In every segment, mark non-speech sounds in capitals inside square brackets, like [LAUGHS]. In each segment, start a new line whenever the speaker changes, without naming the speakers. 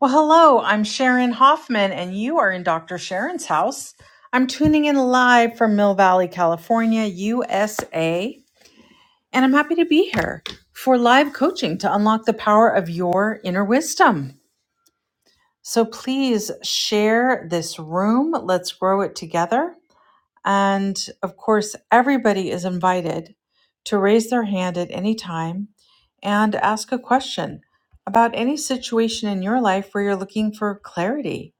Well, hello, I'm Sharon Hoffman, and you are in Dr. Sharon's house. I'm tuning in live from Mill Valley, California, USA, and I'm happy to be here for live coaching to unlock the power of your inner wisdom. So please share this room. Let's grow it together. And of course, everybody is invited to raise their hand at any time and ask a question about any situation in your life where you're looking for clarity.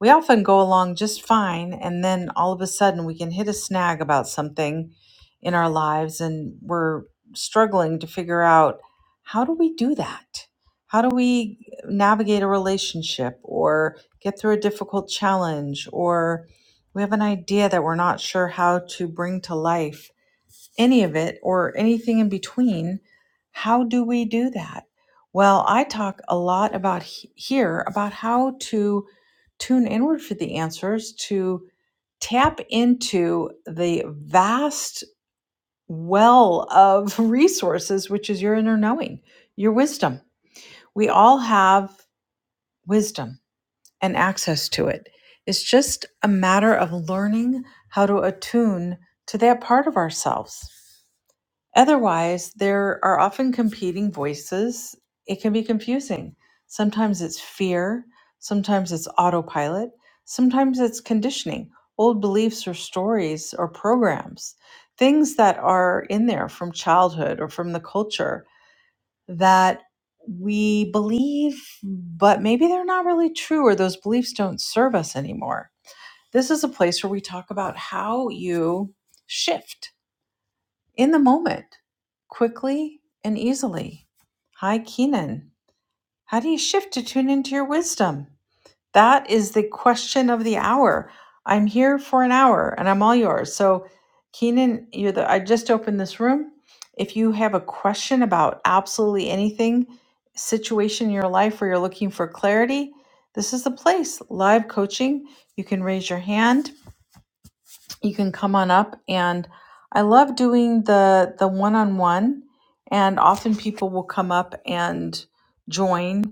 We often go along just fine, and then all of a sudden we can hit a snag about something in our lives, and we're struggling to figure out how do we do that? How do we navigate a relationship or get through a difficult challenge or we have an idea that we're not sure how to bring to life any of it or anything in between. How do we do that? Well, I talk a lot about he- here about how to tune inward for the answers, to tap into the vast well of [LAUGHS] resources, which is your inner knowing, your wisdom. We all have wisdom and access to it. It's just a matter of learning how to attune to that part of ourselves. Otherwise, there are often competing voices. It can be confusing. Sometimes it's fear, sometimes it's autopilot, sometimes it's conditioning, old beliefs or stories or programs, things that are in there from childhood or from the culture that we believe, but maybe they're not really true or those beliefs don't serve us anymore. This is a place where we talk about how you shift in the moment quickly and easily. Hi, Keenan. How do you shift to tune into your wisdom? That is the question of the hour. I'm here for an hour and I'm all yours. So, Keenan, you're the I just opened this room. If you have a question about absolutely anything, situation in your life where you're looking for clarity, this is the place. Live coaching. You can raise your hand. You can come on up and I love doing the the one-on-one and often people will come up and join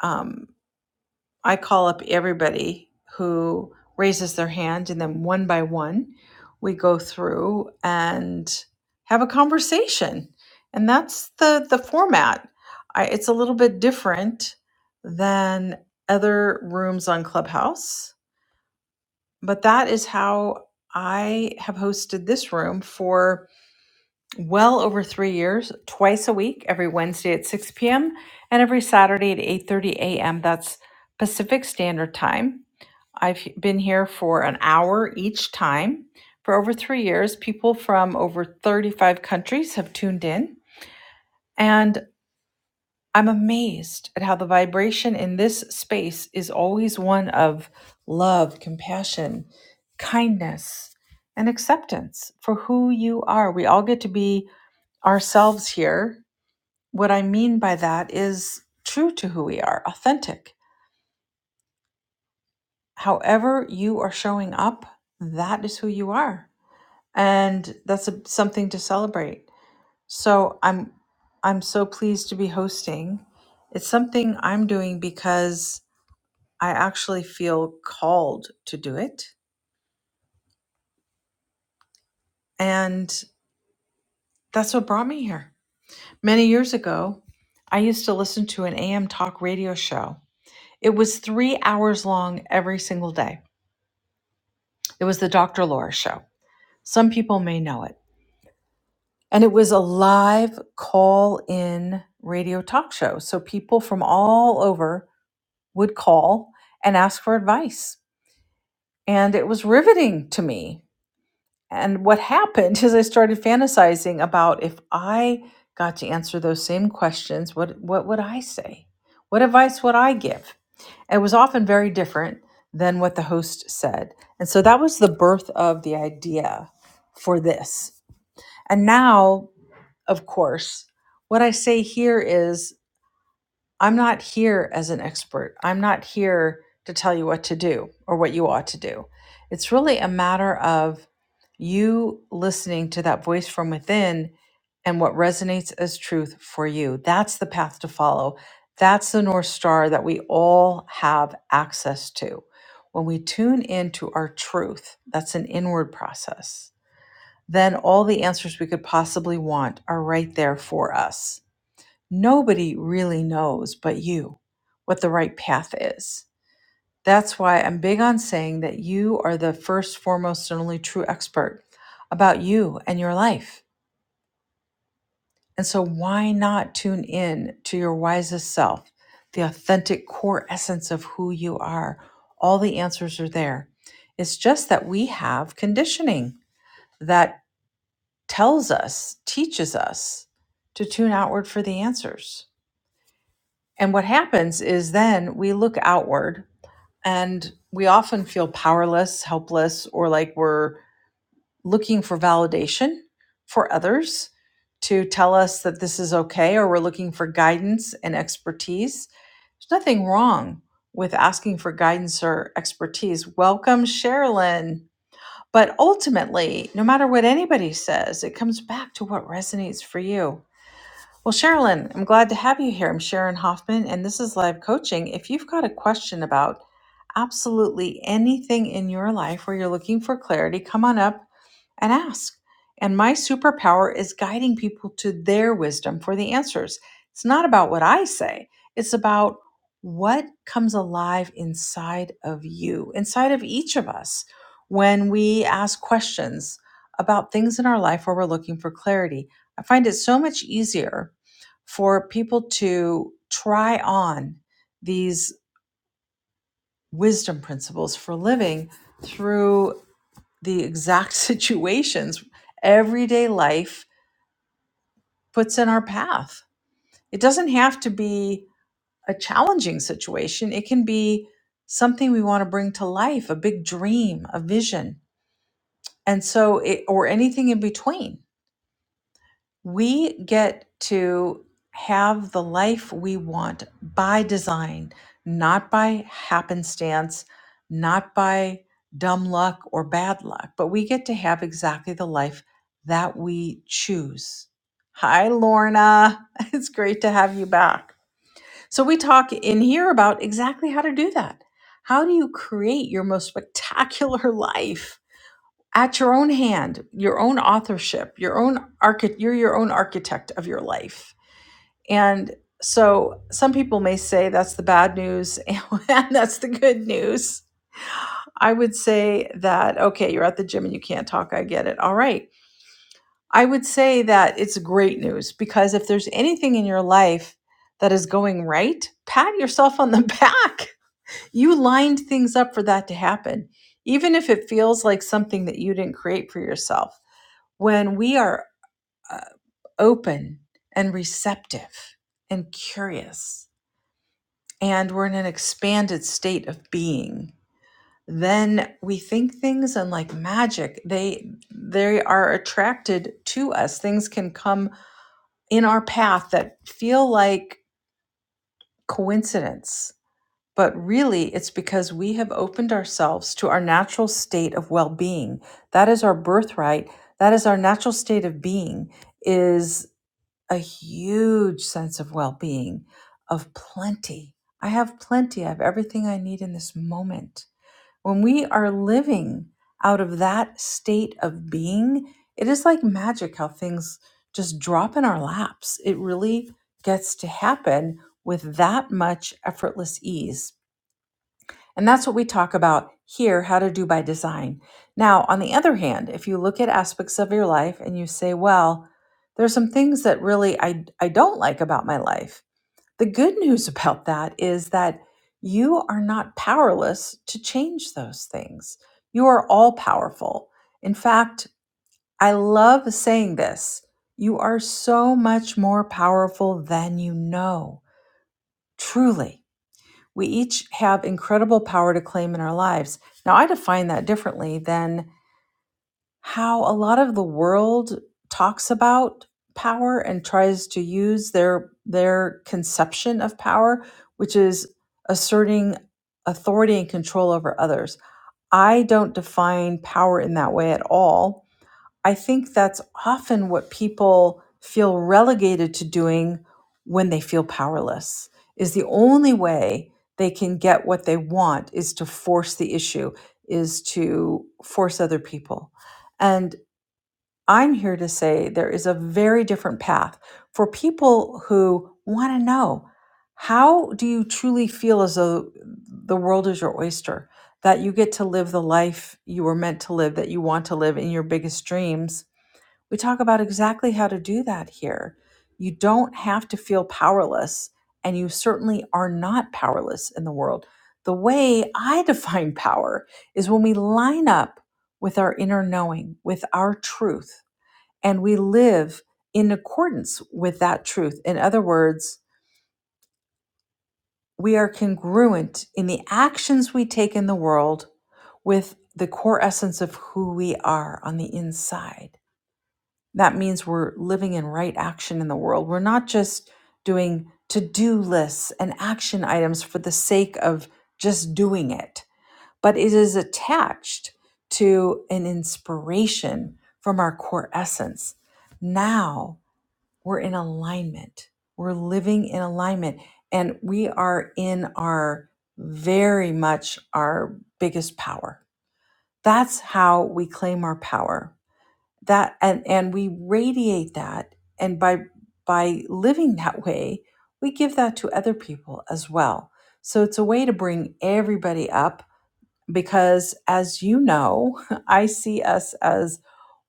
Um. I call up everybody who raises their hand, and then one by one, we go through and have a conversation. And that's the the format. I, it's a little bit different than other rooms on Clubhouse, but that is how I have hosted this room for well over three years, twice a week, every Wednesday at 6 p.m. and every Saturday at 8:30 a.m. That's Pacific Standard Time I've been here for an hour each time. For over three years, people from over 35 countries have tuned in, and I'm amazed at how the vibration in this space is always one of love, compassion, kindness, and acceptance for who you are. We all get to be ourselves here. What I mean by that is true to who we are, authentic. However, you are showing up, that is who you are and that's a, something to celebrate. So I'm I'm so pleased to be hosting. It's something I'm doing because I actually feel called to do it, and that's what brought me here. Many years ago, I used to listen to an AM talk radio show. It was 3 hours long every single day. It was the Dr. Laura show. Some people may know it. And it was a live call in radio talk show. So people from all over would call and ask for advice. And it was riveting to me. And what happened is I started fantasizing about if I got to answer those same questions, what, what would I say? What advice would I give? It was often very different than what the host said. And so that was the birth of the idea for this. And now, of course, what I say here is I'm not here as an expert. I'm not here to tell you what to do or what you ought to do. It's really a matter of you listening to that voice from within and what resonates as truth for you. That's the path to follow. That's the North Star that we all have access to. When we tune into our truth, that's an inward process, then all the answers we could possibly want are right there for us nobody really knows but you what the right path is. That's why I'm big on saying that you are the first, foremost, and only true expert about you and your life. And so, why not tune in to your wisest self, the authentic core essence of who you are? All the answers are there. It's just that we have conditioning that tells us, teaches us to tune outward for the answers. And what happens is then we look outward and we often feel powerless, helpless, or like we're looking for validation for others to tell us that this is okay, or we're looking for guidance and expertise. There's nothing wrong with asking for guidance or expertise. Welcome, Sherilyn. But ultimately, no matter what anybody says, it comes back to what resonates for you. Well, Sherilyn, I'm glad to have you here. I'm Sharon Hoffman, and this is Live Coaching. If you've got a question about absolutely anything in your life where you're looking for clarity, come on up and ask. And my superpower is guiding people to their wisdom for the answers. It's not about what I say, it's about what comes alive inside of you, inside of each of us, when we ask questions about things in our life where we're looking for clarity. I find it so much easier for people to try on these wisdom principles for living through the exact [LAUGHS] situations everyday life puts in our path. It doesn't have to be a challenging situation, it can be something we want to bring to life, a big dream, a vision. And so it or anything in between. we get to have the life we want by design, not by happenstance, not by dumb luck or bad luck, but we get to have exactly the life that we choose. Hi, Lorna. [LAUGHS] It's great to have you back. So, we talk in here about exactly how to do that. How do you create your most spectacular [LAUGHS] life? at your own hand, your own authorship, your own architect you're your own architect of your life. And so some people may say that's the bad news and [LAUGHS] that's the good news. I would say that okay, you're at the gym and you can't talk, I get it. All right. I would say that it's great news because if there's anything in your life that is going right, pat yourself on the [LAUGHS] back. You lined things up for that to happen even if it feels like something that you didn't create for yourself when we are uh, open and receptive and curious, and we're in an expanded state of being, then we think things and like magic, they they are attracted to us. Things can come in our path that feel like coincidence, but really it's because we have opened ourselves to our natural state of well-being. That is our birthright. That is our natural state of being Is a huge sense of well being, of plenty. I have plenty. I have everything I need in this moment. When we are living out of that state of being, it is like magic how things just drop in our laps. It really gets to happen with that much effortless ease and that's what we talk about here how to do by design. Now, on the other hand, if you look at aspects of your life and you say, well, there's some things that really I, I don't like about my life, the good news [LAUGHS] about that is that you are not powerless to change those things. You are all powerful. In fact, I love saying this you are so much more powerful than you know, truly. We each have incredible power to claim in our lives. Now, I define that differently than how a lot of the world talks about power and tries to use their their conception of power, which is asserting authority and control over others. I don't define power in that way at all I think that's often what people feel relegated to doing when they feel powerless. Is the only way they can get what they want is to force the issue, is to force other people. And I'm here to say there is a very different path for people who want to know how do you truly feel as though the world is your oyster, that you get to live the life you were meant to live, that you want to live in your biggest dreams we talk about exactly how to do that here. You don't have to feel powerless, and you certainly are not powerless in the world. The way I [LAUGHS] define power is when we line up with our inner knowing, with our truth, and we live in accordance with that truth. In other words, we are congruent in the actions we take in the world with the core essence of who we are on the inside. that means we're living in right action in the world. We're not just doing to do lists and action items for the sake of just doing it, but it is attached to an inspiration from our core essence. Now we're in alignment, we're living in alignment, and we are in our very much our biggest power. That's how we claim our power that and and we radiate that and by by living that way we give that to other people as well so it's a way to bring everybody up because as you know [LAUGHS] i see us as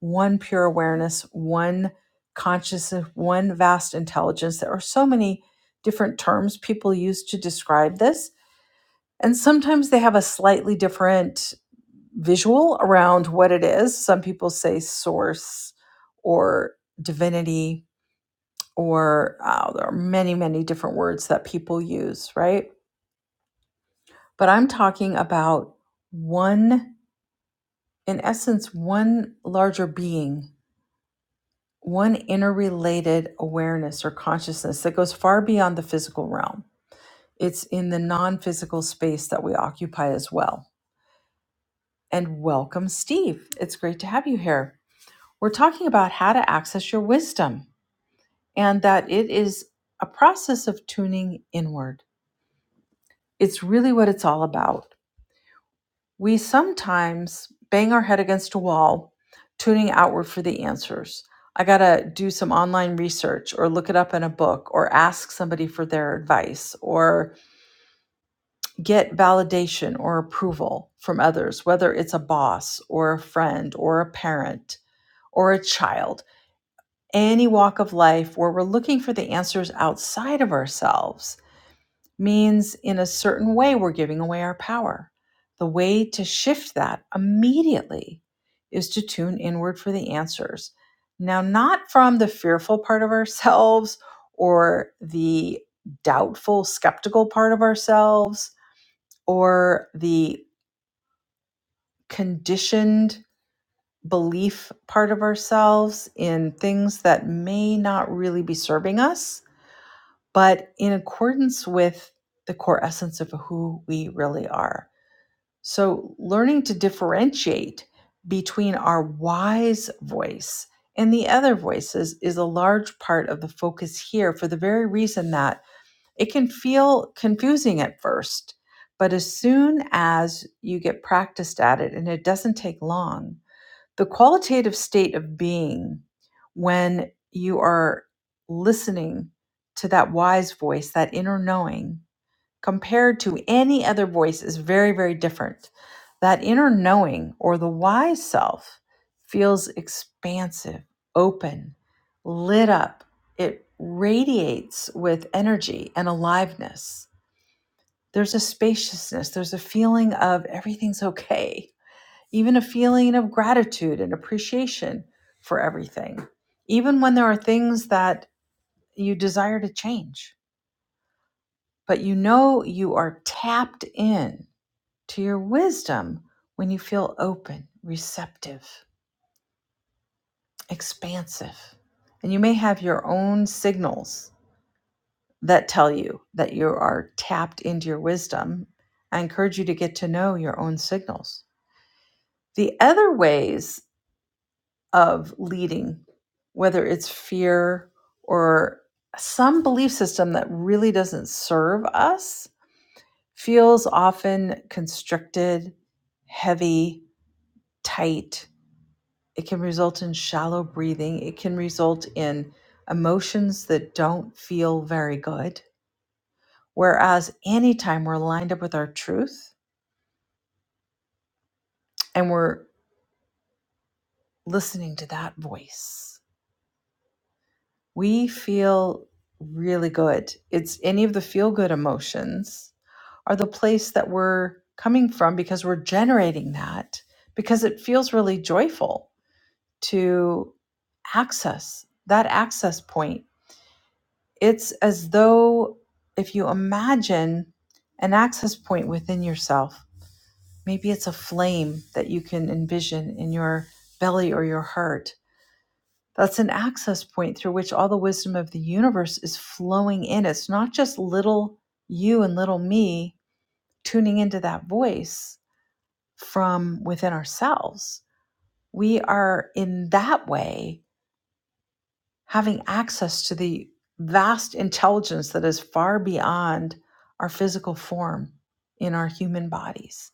one pure awareness one consciousness one vast intelligence there are so many different terms people use to describe this and sometimes they have a slightly different visual around what it is. Some people say source or divinity, or uh, there are many, many different words that people use, right? But I'm talking about one, in essence, one larger being, one interrelated awareness or consciousness that goes far beyond the physical realm. It's in the non physical space that we occupy as well. And welcome, Steve. It's great to have you here. We're talking about how to access your wisdom and that it is a process of tuning inward. It's really what it's all about. We sometimes bang our head against a wall, tuning outward for the answers. I got to do some online research or look it up in a book or ask somebody for their advice or get validation or approval from others, whether it's a boss or a friend or a parent or a child, any walk of life where we're looking for the answers outside of ourselves means in a certain way we're giving away our power. The way to shift that immediately is to tune inward for the answers. Now, not from the fearful part of ourselves or the doubtful, skeptical part of ourselves or the conditioned belief part of ourselves in things that may not really be serving us, but in accordance with the core essence of who we really are So, learning to differentiate between our wise voice and the other voices is a large part of the focus here for the very reason that it can feel confusing at first. But as soon as you get practiced at it, and it doesn't take long, the qualitative state of being when you are listening to that wise voice, that inner knowing, compared to any other voice is very, very different. That inner knowing or the wise self feels expansive, open, lit up. It radiates with energy and aliveness. There's a spaciousness, there's a feeling of everything's okay, even a feeling of gratitude and appreciation for everything, even when there are things that you desire to change. But you know you are tapped in to your wisdom when you feel open, receptive, expansive. And you may have your own signals that tell you that you are tapped into your wisdom. I encourage you to get to know your own signals. The other ways of leading, whether it's fear or some belief system that really doesn't serve us, feels often constricted, heavy, tight, It can result in shallow breathing. It can result in emotions that don't feel very good. Whereas anytime we're lined up with our truth and we're listening to that voice, we feel really good. It's any of the feel good emotions are the place that we're coming from because we're generating that because it feels really joyful to access that access point It's as though if you imagine an access point within yourself, maybe it's a flame that you can envision in your belly or your heart. That's an access point through which all the wisdom of the universe is flowing in. It's not just little you and little me tuning into that voice from within ourselves. We are in that way having access to the vast intelligence that is far beyond our physical form in our human bodies.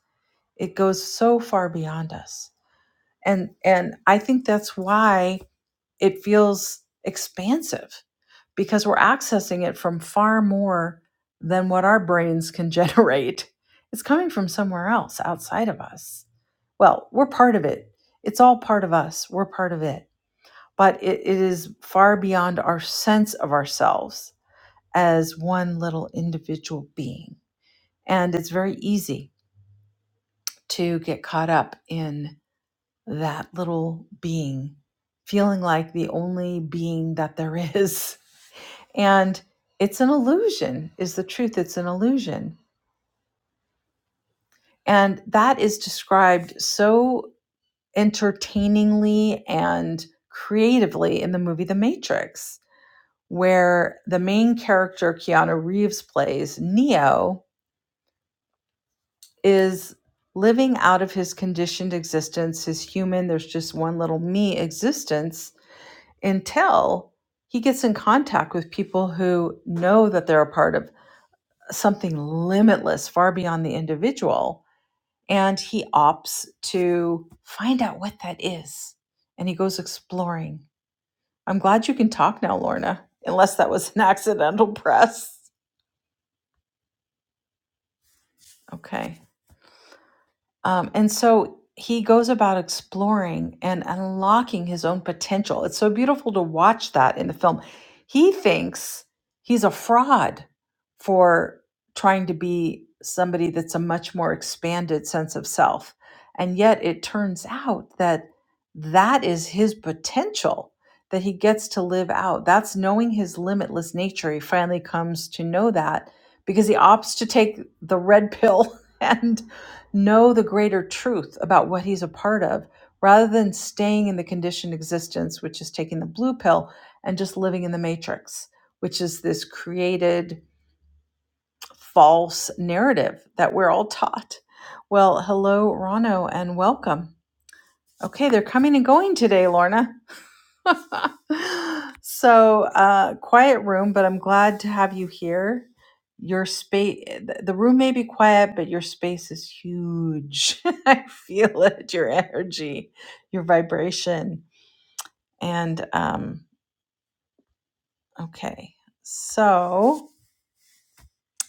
It goes so far beyond us. And and I think that's why it feels expansive because we're accessing it from far more than what our brains can [LAUGHS] generate. It's coming from somewhere else outside of us. Well, we're part of it. It's all part of us. We're part of it but it, it is far beyond our sense of ourselves as one little individual being. And it's very easy to get caught up in that little being, feeling like the only being that there is. [LAUGHS] And it's an illusion, is the truth. It's an illusion. And that is described so entertainingly and creatively in the movie The Matrix where the main character Keanu Reeves plays, Neo, is living out of his conditioned existence, his human, there's just one little me existence until he gets in contact with people who know that they're a part of something limitless, far beyond the individual. And he opts to find out what that is. And he goes exploring. I'm glad you can talk now, Lorna, unless that was an [LAUGHS] accidental press. Okay. Um, and so he goes about exploring and unlocking his own potential. It's so beautiful to watch that in the film. He thinks he's a fraud for trying to be somebody that's a much more expanded sense of self. And yet it turns out that that is his potential that he gets to live out. That's knowing his limitless nature. He finally comes to know that because he opts to take the red pill [LAUGHS] and know the greater truth about what he's a part of rather than staying in the conditioned existence, which is taking the blue pill and just living in the matrix, which is this created false narrative that we're all taught. Well, hello, Rano, and welcome. Okay, they're coming and going today, Lorna. [LAUGHS] so uh quiet room but i'm glad to have you here your space the room may be quiet but your space is huge [LAUGHS] i feel it your energy your vibration and um okay so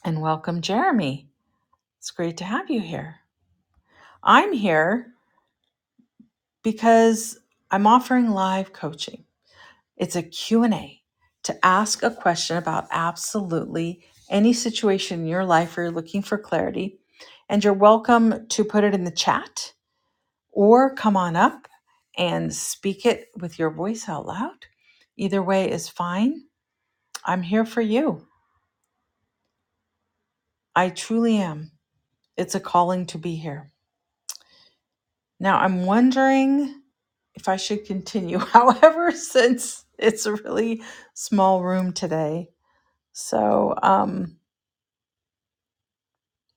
and welcome jeremy it's great to have you here i'm here because i'm offering live coaching It's a Q and a to ask a question about absolutely any situation in your life where you're looking for clarity. And you're welcome to put it in the chat or come on up and speak it with your voice out loud. Either way is fine. I'm here for you. I truly am. It's a calling to be here. Now, I'm wondering if I should continue. [LAUGHS] However, since it's a really small room today, so um,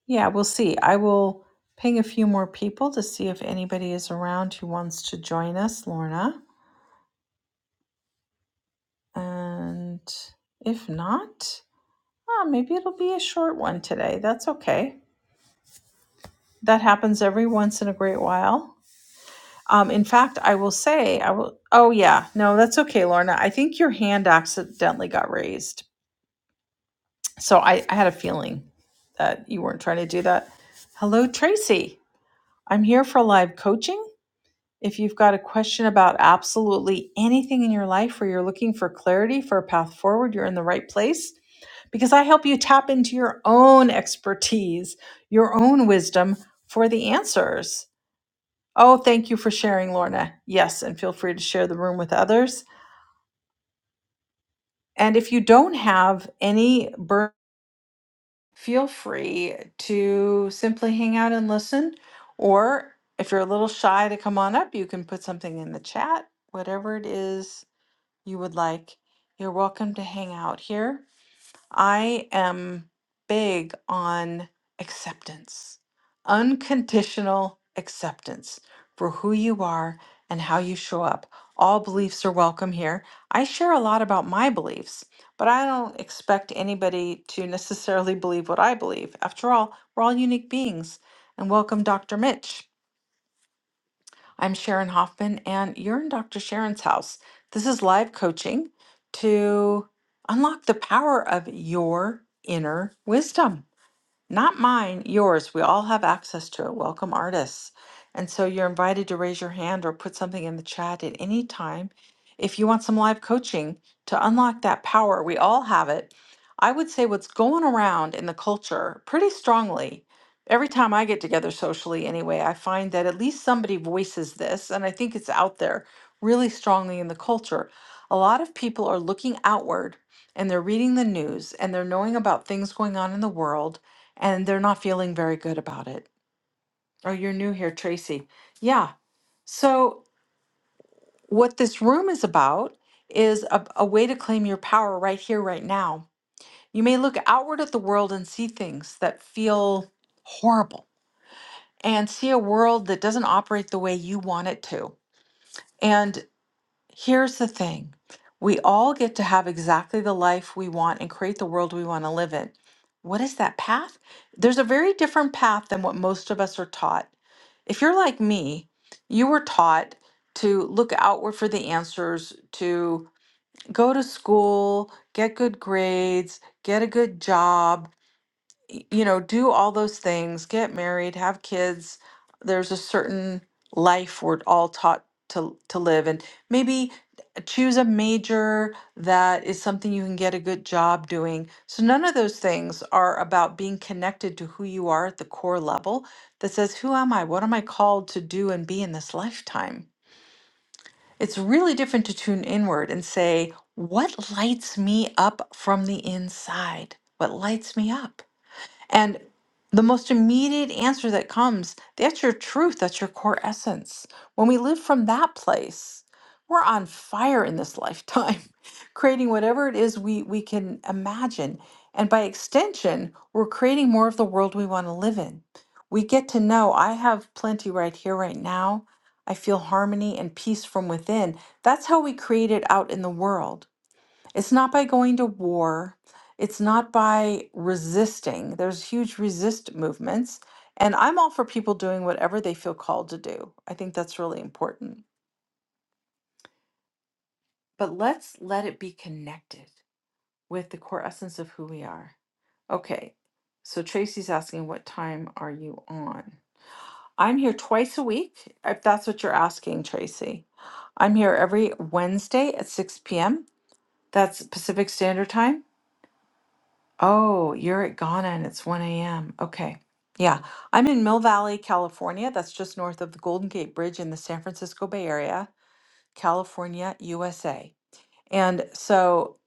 Yeah, we'll see. I will ping a few more people to see if anybody is around who wants to join us, Lorna. And if not, ah, maybe it'll be a short one today. That's okay. That happens every once in a great while. Um, in fact, I will say, I will. Oh, yeah. No, that's okay, Lorna. I think your hand accidentally got raised. So I, I had a feeling that you weren't trying to do that. Hello, Tracy. I'm here for live coaching If you've got a question about absolutely anything in your life where you're looking for clarity for a path forward, you're in the right place because I help you tap into your own expertise, your own wisdom for the answers. Oh, thank you for sharing, Lorna. Yes, and feel free to share the room with others. And if you don't have any burden, feel free to simply hang out and listen. Or if you're a little shy to come on up, you can put something in the chat, whatever it is you would like, you're welcome to hang out here. I am big on acceptance, unconditional acceptance for who you are and how you show up. All beliefs are welcome here. I share a lot about my beliefs, but I don't expect anybody to [LAUGHS] necessarily believe what I believe. After all, we're all unique beings. And welcome, Dr. Mitch. I'm Sharon Hoffman, and you're in Dr. Sharon's house. This is live coaching to unlock the power of your inner wisdom. Not mine, yours. We all have access to it. Welcome, artists. And so you're invited to raise your hand or put something in the chat at any time. If you want some live coaching to unlock that power, we all have it. I would say what's going around in the culture pretty strongly. Every time I get together socially, anyway, I find that at least somebody voices this, and I think it's out there really strongly in the culture. A lot of people are looking outward and they're reading the news and they're knowing about things going on in the world and they're not feeling very good about it. Oh, you're new here, Tracy. Yeah. So, what this room is about is a, a way to claim your power right here, right now. You may look outward at the world and see things that feel horrible and see a world that doesn't operate the way you want it to. Here's the thing we all get to have exactly the life we want and create the world we want to live in. What is that path? There's a very different path than what most of us are taught. If you're like me, you were taught to look outward for the answers, to go to school, get good grades, get a good job, y- you know, do all those things, get married, have kids. There's a certain life we're all taught to to live, and maybe uh, choose a major that is something you can get a good job doing. So none of those things are about being connected to who you are at the core level that says, who am I? What am I called to do and be in this lifetime? It's really different to tune inward and say, what lights me up from the inside? What lights me up? And the most immediate answer that comes that's your truth, that's your core essence. When we live from that place, we're on fire in this lifetime, [LAUGHS] creating whatever it is we, we can imagine. And by extension, we're creating more of the world we want to live in. We get to know I have plenty right here, right now. I feel harmony and peace from within. That's how we create it out in the world it's not by going to war. It's not by resisting. There's huge resist movements. And I'm all for people doing whatever they feel called to do. I think that's really important. But let's let it be connected with the core essence of who we are. Okay. So Tracy's asking, what time are you on? I'm here twice a week, if that's what you're asking, Tracy. I'm here every Wednesday at 6 p.m. That's Pacific Standard Time Oh, you're at Ghana and it's 1 a.m. Okay. Yeah. I'm in Mill Valley, California. That's just north of the Golden Gate Bridge in the San Francisco Bay Area, California, USA. And so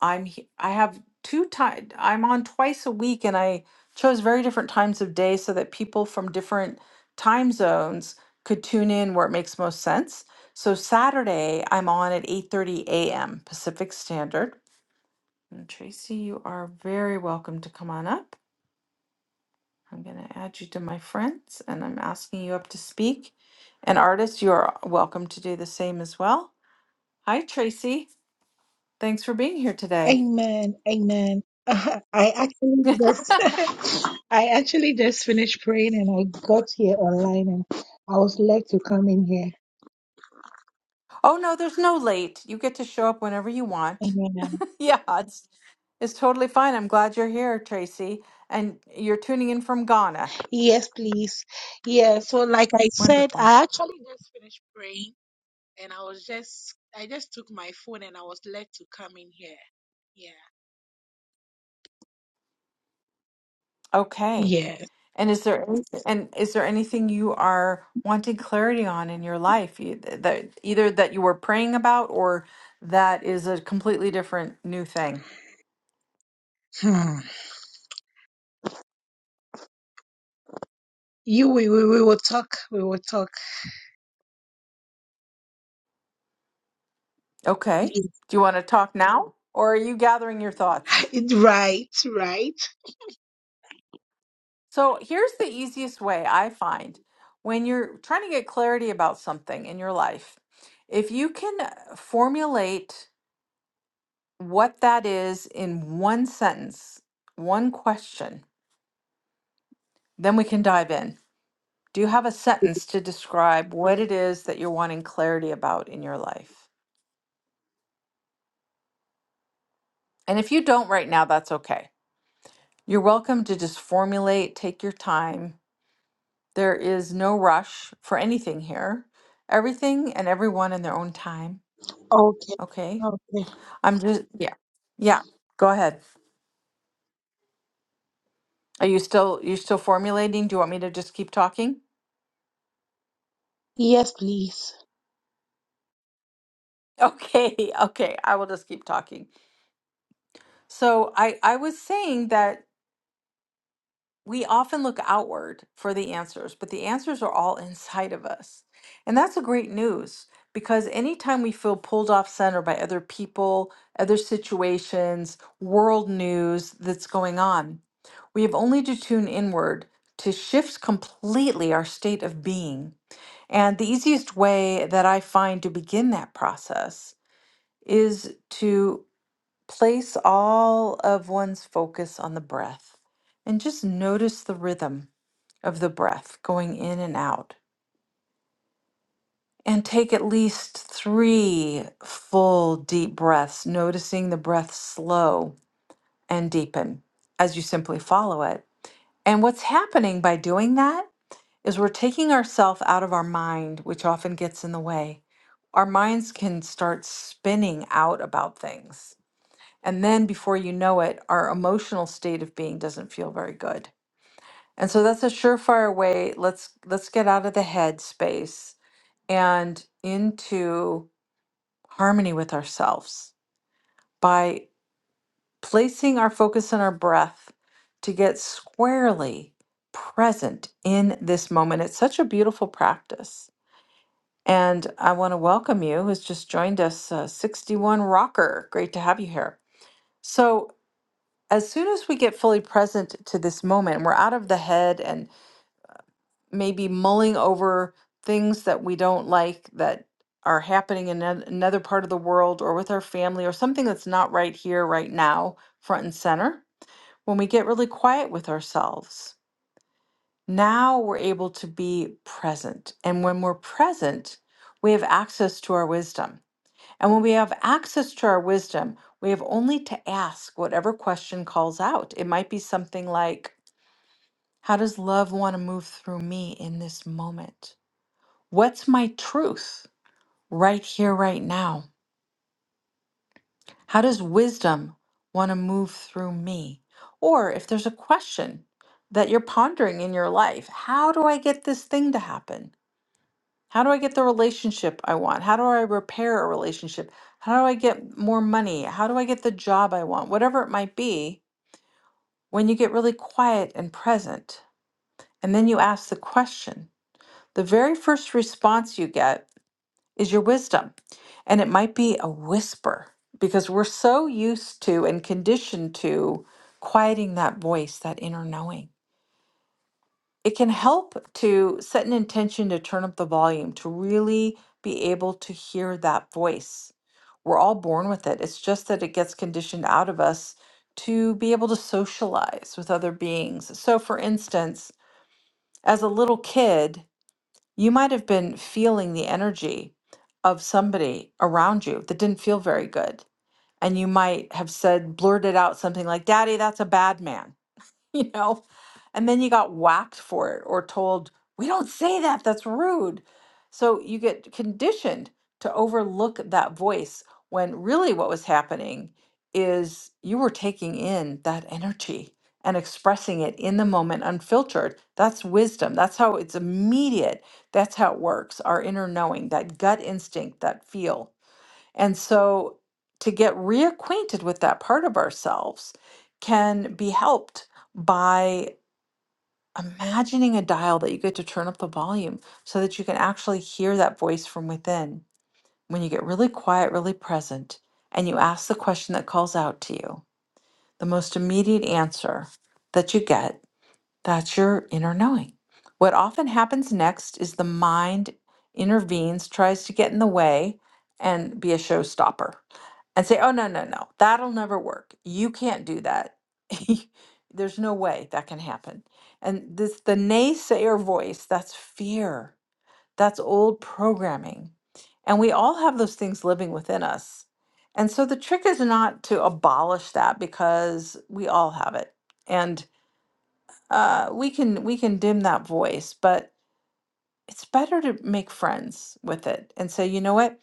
I'm he- I have two time I'm on twice a week and I chose very different times of day so that people from different time zones could tune in where it makes most sense. So Saturday I'm on at 8:30 a.m. Pacific Standard. And Tracy, you are very welcome to come on up. I'm going to add you to my friends and I'm asking you up to speak. And artists, you are welcome to do the same as well. Hi, Tracy. Thanks for being here today.
Amen. Amen. [LAUGHS] I
[LAUGHS]
actually just [LAUGHS] I actually just finished praying and I got here online and I was led to come in here.
oh, no, there's no late. You get to show up whenever you want.
Amen.
[LAUGHS] yeah, it's, it's totally fine. I'm glad you're here, Tracy. And you're tuning in from Ghana.
Yes, please. Yeah, so like I said,
Wonderful.
I actually just finished praying and I was just I just took my phone and I was led to come in here. Yeah.
Okay.
Yeah.
And is there any- and is there anything you are wanting clarity on in your life You- that either that you were praying about or that is a completely different new thing?
Hmm. You we, we we will talk. We will talk.
Okay.
Yeah.
Do you want to talk now or are you gathering your thoughts?
[LAUGHS] Right, right.
So here's the easiest way I find when you're trying to get clarity about something in your life. If you can uh, formulate what that is in one sentence, one question, then we can dive in. Do you have a sentence to describe what it is that you're wanting clarity about in your life? And if you don't right now, that's okay. You're welcome to just formulate, take your time. There is no rush for anything here. Everything and everyone in their own time,
Okay.
okay?
Okay.
I'm just yeah. Yeah. Go ahead. Are you still you still formulating? Do you want me to just keep talking?
Yes, please.
Okay. [LAUGHS] Okay. I will just keep talking. So I I was saying that we often look outward for the answers, but the answers are all inside of us. And that's a great news because anytime we feel pulled off center by other people, other situations, world news that's going on, we have only to tune inward to shift completely our state of being. And the easiest way that I find to begin that process is to place all of one's focus on the breath and just notice the rhythm of the breath going in and out. And take at least three full deep breaths, noticing the breath slow and deepen as you simply follow it. And what's happening by doing that is we're taking ourselves out of our mind, which often gets in the way. Our minds can start spinning out about things. And then before you know it, our emotional state of being doesn't feel very good. And so that's a surefire way. Let's let's get out of the head space and into harmony with ourselves by placing our focus on our breath to get squarely present in this moment. It's such a beautiful practice. And I want to welcome you who's just joined us, uh, 61 Rocker. Great to have you here. So, as soon as we get fully present to this moment, we're out of the head and. maybe mulling over things that we don't like that are happening in an- another part of the world or with our family or something that's not right here, right now, front and center. When we get really quiet with ourselves, now we're able to be present. And when we're present, we have access to our wisdom. And when we have access to our wisdom, we have only to ask whatever question calls out. It might be something like, How does love want to move through me in this moment? What's my truth right here, right now? How does wisdom want to move through me? Or if there's a question that you're pondering in your life, how do I get this thing to happen? How do I get the relationship I want? How do I repair a relationship? How do I get more money? How do I get the job I want? Whatever it might be, when you get really quiet and present, and then you ask the question, the very first response you get is your wisdom. And it might be a whisper because we're so used to and conditioned to quieting that voice, that inner knowing. It can help to set an intention to turn up the volume, to really be able to hear that voice. We're all born with it. It's just that it gets conditioned out of us to be able to socialize with other beings. So, for instance, as a little kid, you might have been feeling the energy of somebody around you that didn't feel very good. And you might have said, blurted out something like, Daddy, that's a bad man [LAUGHS] you know? And then you got whacked for it or told, we don't say that, that's rude. So you get conditioned to overlook that voice when really what was happening is you were taking in that energy and expressing it in the moment unfiltered. That's wisdom. That's how it's immediate. That's how it works. Our inner knowing, that gut instinct, that feel. And so to get reacquainted with that part of ourselves can be helped by imagining a dial that you get to turn up the volume so that you can actually hear that voice from within. When you get really quiet, really present, and you ask the question that calls out to you, the most immediate answer that you get, that's your inner knowing. What often happens next is the mind intervenes, tries to get in the way, and be a showstopper and say, oh, no, no, no, that'll never work. You can't do that. [LAUGHS] There's no way that can happen. And this, the naysayer voice, that's fear, that's old programming. And we all have those things living within us. And so the trick is not to abolish that because we all have it. And uh, we can we can dim that voice, but it's better to make friends with it and say, you know what?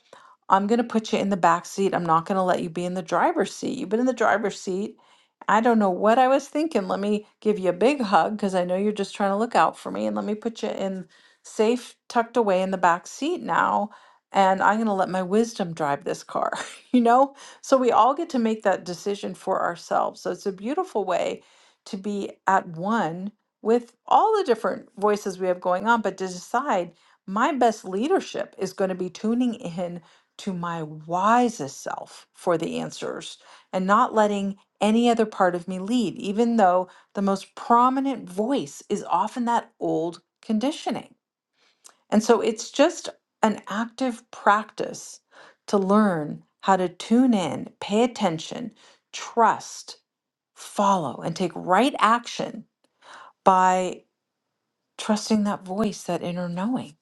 I'm going to put you in the back seat. I'm not going to let you be in the driver's seat. You've been in the driver's seat. I don't know what I was thinking. Let me give you a big hug because I know you're just trying to look out for me. And let me put you in safe, tucked away in the back seat now. And I'm going to let my wisdom drive this car, [LAUGHS] you know? So we all get to make that decision for ourselves. So it's a beautiful way to be at one with all the different voices we have going on, but to decide my best leadership is going to be tuning in to my wisest self for the answers and not letting any other part of me lead, even though the most prominent voice is often that old conditioning. And so it's just an active practice to learn how to tune in, pay attention, trust, follow, and take right action by trusting that voice, that inner knowing,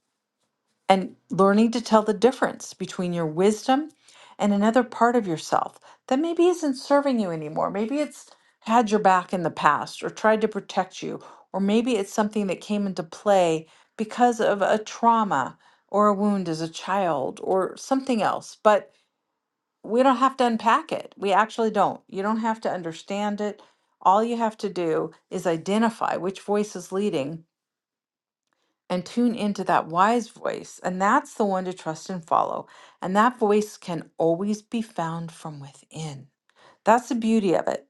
and learning to tell the difference between your wisdom and another part of yourself that maybe isn't serving you anymore. Maybe it's had your back in the past or tried to protect you, or maybe it's something that came into play because of a trauma or a wound as a child or something else. But we don't have to unpack it. We actually don't. You don't have to understand it. All you have to do is identify which voice is leading and tune into that wise voice. And that's the one to trust and follow. And that voice can always be found from within. That's the beauty of it.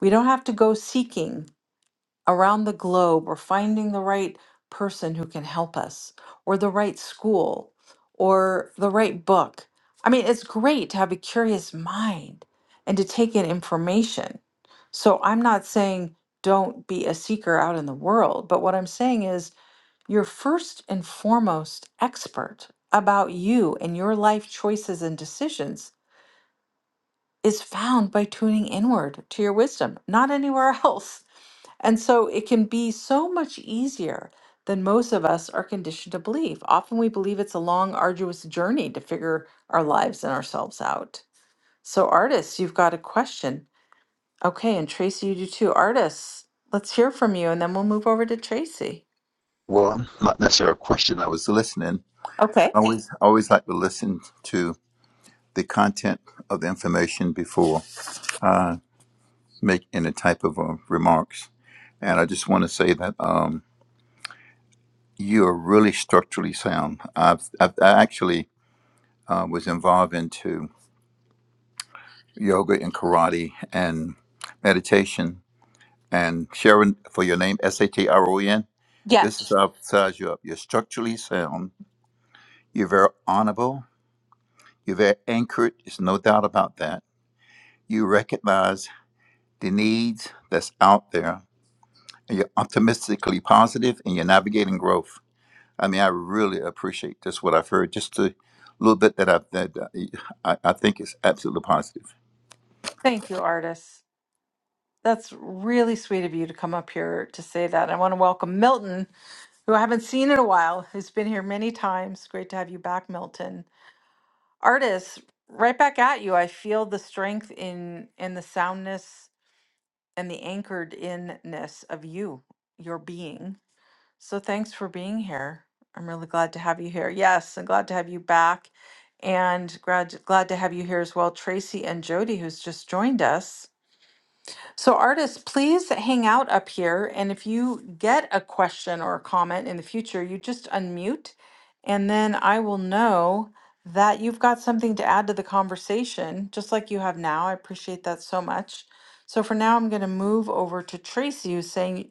We don't have to go seeking around the globe or finding the right person who can help us or the right school or the right book. I mean, it's great to have a curious mind and to take in information. So I'm not saying don't be a seeker out in the world, but what I'm saying is you're first and foremost expert about you and your life choices and decisions is found by tuning inward to your wisdom, not anywhere [LAUGHS] else. And so it can be so much easier than most of us are conditioned to believe. Often we believe it's a long, arduous journey to figure our lives and ourselves out. So, artists, you've got a question. Okay, and Tracy, you do too. Artists, let's hear from you and then we'll move over to Tracy.
Well, not necessarily a question. I was listening.
Okay.
I always, I always like to listen to the content of the information before I make any type of uh, remarks. And I just want to say that um, you are really structurally sound. I've, I've I actually uh, was involved into yoga and karate and meditation. And Sharon, for your name, S A T R O E N. This is
Yes.
how I size you up. You're structurally sound. You're very honorable. You're very anchored. There's no doubt about that You recognize the needs that's out there, and you're optimistically positive, and you're navigating growth. I mean, I really appreciate just what I've heard, just a little bit that I've that I, I think is absolutely positive.
Thank you, artists. That's really sweet of you to come up here to say that. I want to welcome Milton, who I haven't seen in a while, who's been here many times. Great to have you back, Milton. Artists, right back at you. I feel the strength in in the soundness and the anchored inness of you, your being. So thanks for being here. I'm really glad to have you here. Yes, and glad to have you back. And glad glad to have you here as well, Tracy and Jody, who's just joined us. So, artists, please hang out up here. And if you get a question or a comment in the future, you just unmute, and then I will know that you've got something to add to the conversation, just like you have now. I appreciate that so much. So, for now, I'm going to move over to Tracy, who's saying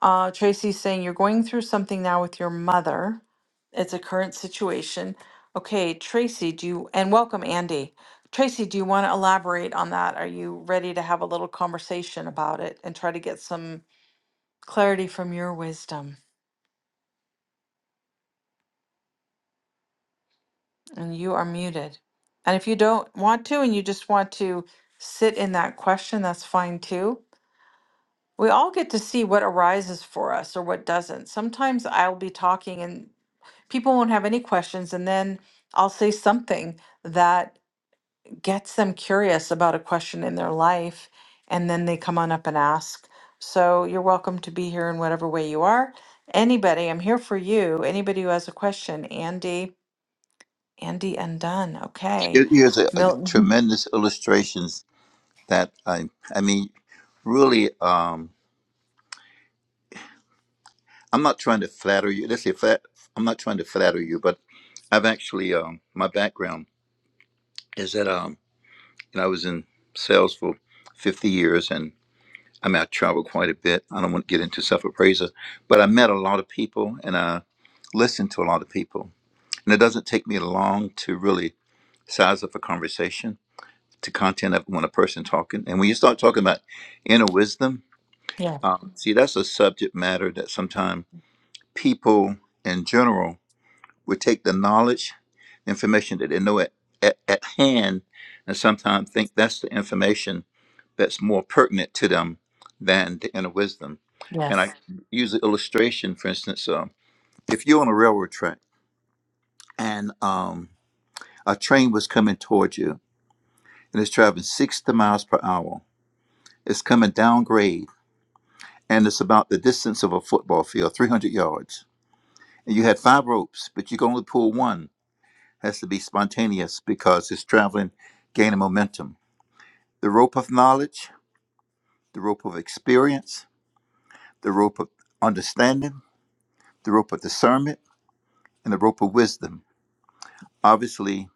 uh, Tracy's saying you're going through something now with your mother. It's a current situation. Okay, Tracy, do you, and welcome, Andy. Tracy, do you want to elaborate on that? Are you ready to have a little conversation about it and try to get some clarity from your wisdom? And you are muted. And if you don't want to and you just want to sit in that question, that's fine too. We all get to see what arises for us or what doesn't. Sometimes I'll be talking and people won't have any questions and then I'll say something that gets them curious about a question in their life and then they come on up and ask. So you're welcome to be here in whatever way you are. Anybody, I'm here for you. Anybody who has a question, Andy, Andy Undone. Okay.
Here- Here's a, a
Milton. [LAUGHS]
tremendous illustrations that I I mean, really, um, I'm not trying to flatter you. Let's say flat. I'm not trying to flatter you, but I've actually um, my background is that um, you know, I was in sales for 50 years, and. I mean, I traveled quite a bit. I don't want to get into self appraisal, but I met a lot of people and I listened to a lot of people. And it doesn't take me long to really size up a conversation to content of when a person talking. And when you start talking about inner wisdom,
Yeah.
uh, see, that's a subject matter that sometimes people in general would take the knowledge, information that they know at, at, at hand, and sometimes think that's the information that's more pertinent to them than the inner wisdom. And I
Yes.
use an illustration, for instance, um, if you're on a railroad track and um, a train was coming towards you and it's traveling 60 miles per hour, it's coming down grade and it's about the distance of a football field, 300 yards. And you had five ropes, but you can only pull one has to be spontaneous because it's traveling, gaining momentum. The rope of knowledge, the rope of experience, the rope of understanding, the rope of discernment, and the rope of wisdom. Obviously,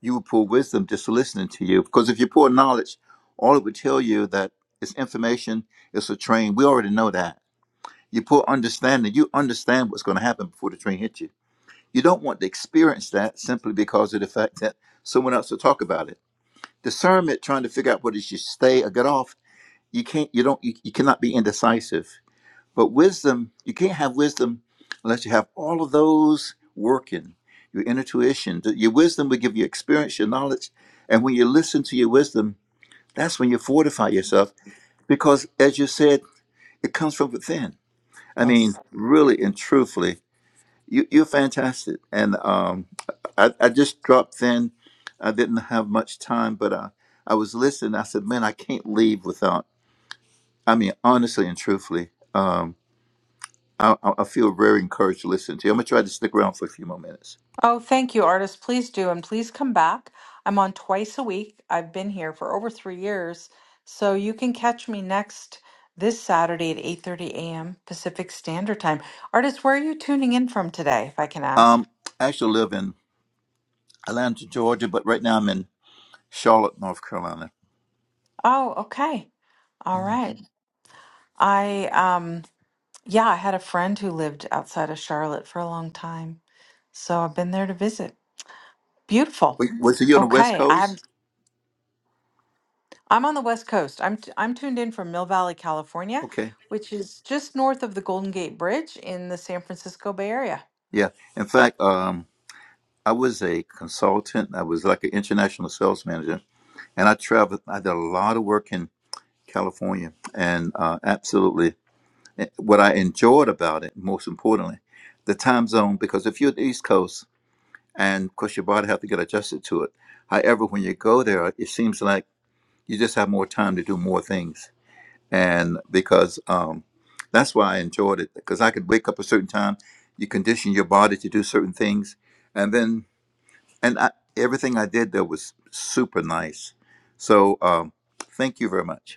you will pull wisdom just listening to you because if you pull knowledge, all it would tell you that it's information, it's a train. We already know that. You pull understanding, you understand what's going to happen before the train hits you. You don't want to experience that simply because of the fact that someone else will talk about it discernment trying to figure out whether you should stay or get off you can't you don't you, you cannot be indecisive but wisdom you can't have wisdom unless you have all of those working your intuition th- your wisdom will give you experience your knowledge and when you listen to your wisdom that's when you fortify yourself because as you said it comes from within i
Yes.
mean really and truthfully you you're fantastic and um i, I just dropped in i didn't have much time but uh, i was listening i said man i can't leave without i mean honestly and truthfully um i, I I feel very encouraged to listen to you i'm gonna try to stick around for a few more minutes
Oh, thank you, artist. Please do, and please come back. I'm on twice a week. I've been here for over three years, so you can catch me next this Saturday at 8:30 a.m. Pacific Standard Time. Artist, where are you tuning in from today, if I can ask?
um i actually live in atlanta georgia but right now i'm in charlotte north carolina
Oh, okay. All
Mhm.
right. I um yeah, I had a friend who lived outside of Charlotte for a long time, so I've been there to visit. Beautiful.
Wait, was it you on the west
Okay, I have
coast
I'm on the West Coast. I'm t- I'm tuned in from Mill Valley, California,
okay
which is just north of the Golden Gate Bridge in the San Francisco Bay Area.
yeah in fact um i was a consultant i was like an international sales manager and I traveled. I did a lot of work in California, and uh, absolutely, eh, what I enjoyed about it, most importantly, the time zone. Because if you're at the East Coast, and of course your body have to get adjusted to it. However, when you go there, it seems like you just have more time to do more things, and because um, that's why I enjoyed it. Because I could wake up a certain time, you condition your body to do certain things, and then and I, everything I did there was super nice. So um, thank you very much.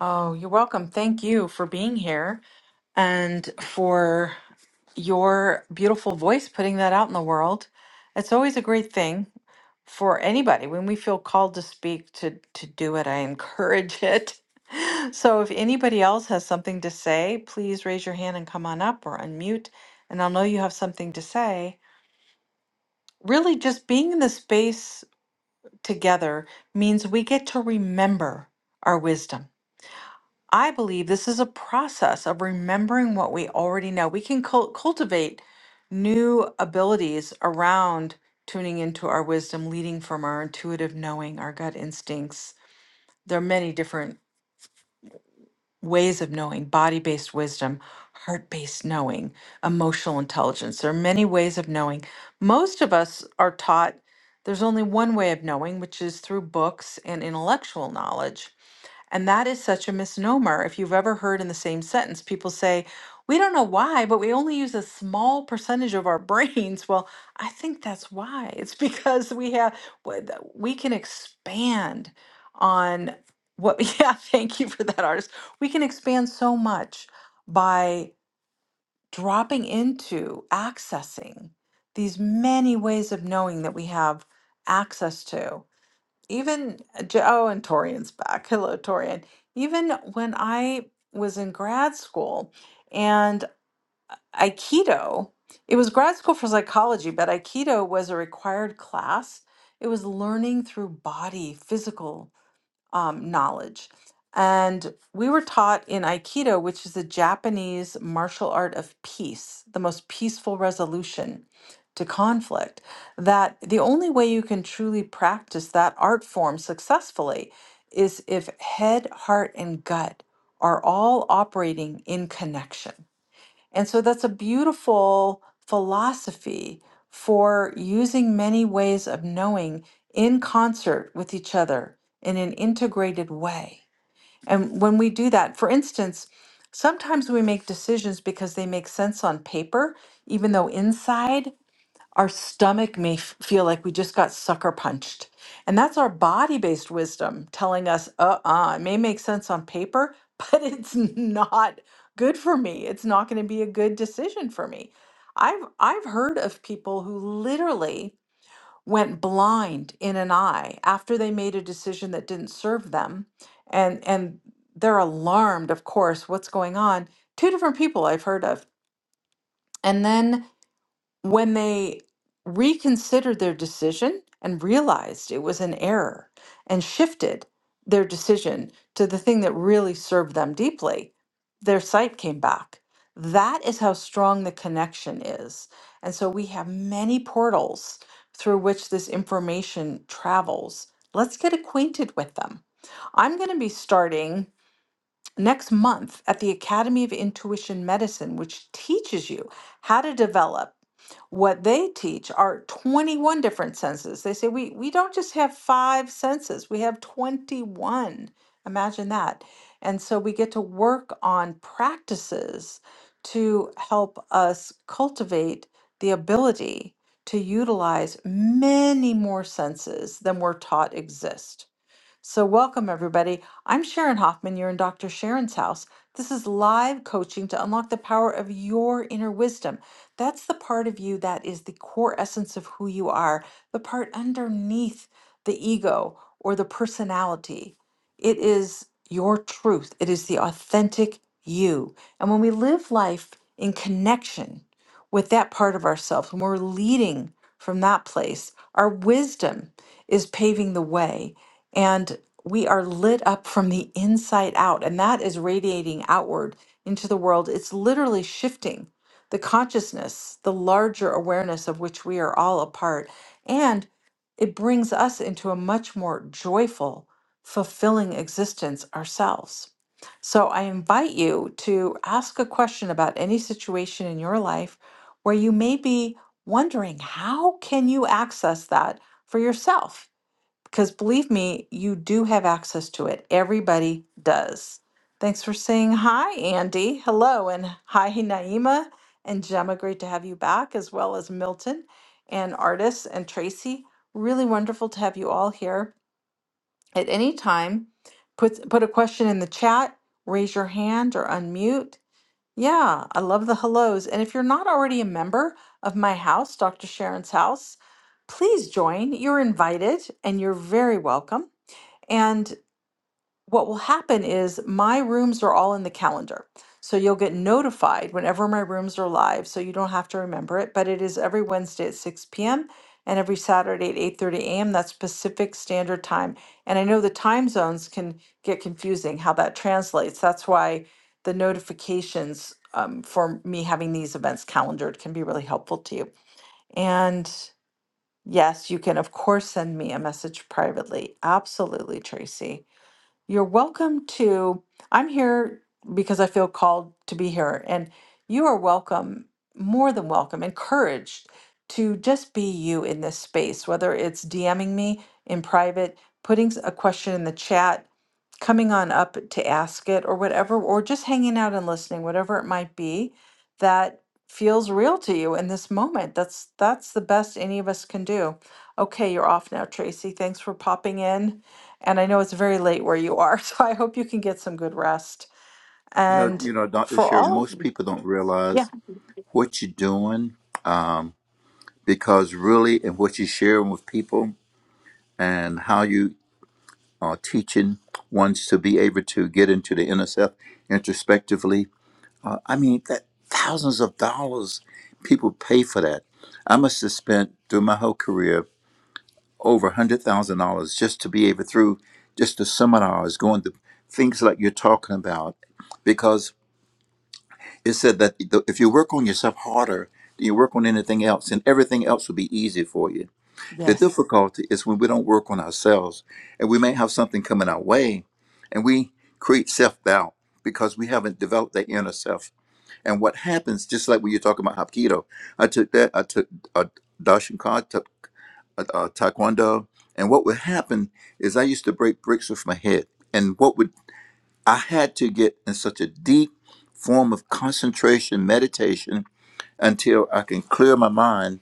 Oh, you're welcome. Thank you for being here and for your beautiful voice putting that out in the world. It's always a great thing for anybody when we feel called to speak to to do it. I encourage it. [LAUGHS] So if anybody else has something to say, please raise your hand and come on up or unmute and I'll know you have something to say really just being in the space together means we get to remember our wisdom. I believe this is a process of remembering what we already know. We can cul- cultivate new abilities around tuning into our wisdom, leading from our intuitive knowing, our gut instincts. There are many different ways of knowing body based wisdom, heart based knowing, emotional intelligence. There are many ways of knowing. Most of us are taught there's only one way of knowing, which is through books and intellectual knowledge. And that is such a misnomer. If you've ever heard in the same sentence, people say, we don't know why, but we only use a small percentage of our brains. [LAUGHS] Well, I think that's why. It's because we have, w- th- we can expand on what, [LAUGHS] yeah, thank you for that, artist. We can expand so much by dropping into accessing these many ways of knowing that we have access to even uh, J- oh, and Torian's back. Hello, Torian. Even when I was in grad school and Aikido, it was grad school for psychology, but Aikido was a required class. It was learning through body, physical um, knowledge. And we were taught in Aikido, which is the Japanese martial art of peace, the most peaceful resolution to conflict, that the only way you can truly practice that art form successfully is if head, heart, and gut are all operating in connection. And so that's a beautiful philosophy for using many ways of knowing in concert with each other in an integrated way. And when we do that, for instance, sometimes we make decisions because they make sense on paper, even though inside our stomach may f- feel like we just got sucker punched. And that's our body based wisdom telling us, uh uh it may make sense on paper, [LAUGHS] but it's not good for me. It's not going to be a good decision for me. I've, I've heard of people who literally went blind in an eye after they made a decision that didn't serve them. And, and they're alarmed, of course, what's going on. Two different people I've heard of. And then when they reconsidered their decision and realized it was an error and shifted their decision to the thing that really served them deeply, their sight came back. That is how strong the connection is. And so we have many portals through which this information travels. Let's get acquainted with them. I'm going to be starting next month at the Academy of Intuition Medicine, which teaches you how to develop what they teach are 21 different senses. They say we we don't just have five senses, we have 21. Imagine that. And so we get to work on practices to help us cultivate the ability to utilize many more senses than we're taught exist. So, welcome everybody. I'm Sharon Hoffman. You're in Dr. Sharon's house. This is live coaching to unlock the power of your inner wisdom. That's the part of you that is the core essence of who you are, the part underneath the ego or the personality. It is your truth, it is the authentic you. And when we live life in connection with that part of ourselves, when we're leading from that place, our wisdom is paving the way and we are lit up from the inside out and that is radiating outward into the world it's literally shifting the consciousness the larger awareness of which we are all a part and it brings us into a much more joyful fulfilling existence ourselves so i invite you to ask a question about any situation in your life where you may be wondering how can you access that for yourself because believe me, you do have access to it. Everybody does. Thanks for saying hi, Andy. Hello, and hi, Naima and Gemma. Great to have you back, as well as Milton and Artis and Tracy. Really wonderful to have you all here at any time. Put, put a question in the chat, raise your hand or unmute. Yeah, I love the hellos. And if you're not already a member of my house, Dr. Sharon's house, please join. You're invited and you're very welcome. And what will happen is my rooms are all in the calendar. So you'll get notified whenever my rooms are live, so you don't have to remember it, but it is every Wednesday at 6 p.m. and every Saturday at 8:30 a.m. That's Pacific Standard Time. And I know the time zones can get confusing how that translates. That's why the notifications um, for me having these events calendared can be really helpful to you. And yes, you can of course send me a message privately. Absolutely, Tracy. You're welcome to, I'm here because I feel called to be here, and you are welcome, more than welcome, encouraged to just be you in this space, whether it's DMing me in private, putting s- a question in the chat, coming on up to ask it or whatever, or just hanging out and listening, whatever it might be that feels real to you in this moment. That's that's the best any of us can do. Okay, you're off now, Tracy. Thanks for popping in. And I know it's very late where you are, [LAUGHS] so I hope you can get some good rest.
You know,
And
you know, Doctor
for
Sherry.
all of
Most people don't realize what you're doing um, because really, and what you're sharing with people, and how you are teaching ones to be able to get into the inner self introspectively. Uh, I mean, that thousands of dollars people pay for that. I must have spent through my whole career over a hundred thousand dollars just to be able through just the seminars, going to things like you're talking about, because. it said that the- if you work on yourself harder than you work on anything else, and everything else will be easy for you. The
yes.
difficulty is when we don't work on ourselves, and we may have something coming our way, and we create self doubt because we haven't developed that inner self. And what happens, just like when you're talking about Hapkido, I took that, I took uh, Dashinkan, took uh, uh, Taekwondo, and what would happen is I used to break bricks with my head. And what would I had to get in such a deep form of concentration, meditation, until I can clear my mind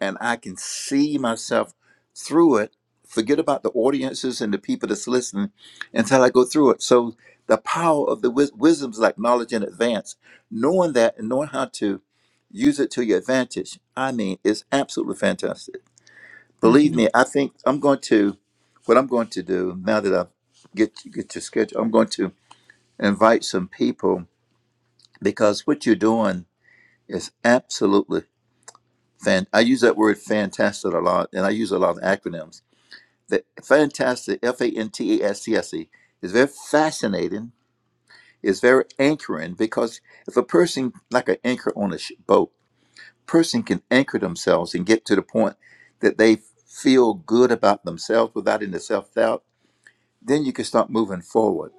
and I can see myself through it. Forget about the audiences and the people that's listening until I go through it. So the power of the wis- wisdom is like knowledge in advance. Knowing that and knowing how to use it to your advantage. I mean, it's absolutely fantastic. Believe
Mhm.
me, I think I'm going to. What I'm going to do now that I get get your schedule, I'm going to invite some people because what you're doing is absolutely fan. I use that word fantastic a lot, and I use a lot of acronyms. The fantastic, F A N T A S T S E, is very fascinating. It's very anchoring because if a person, like an anchor on a sh- boat, person can anchor themselves and get to the point that they feel good about themselves without any self doubt, then you can start moving forward.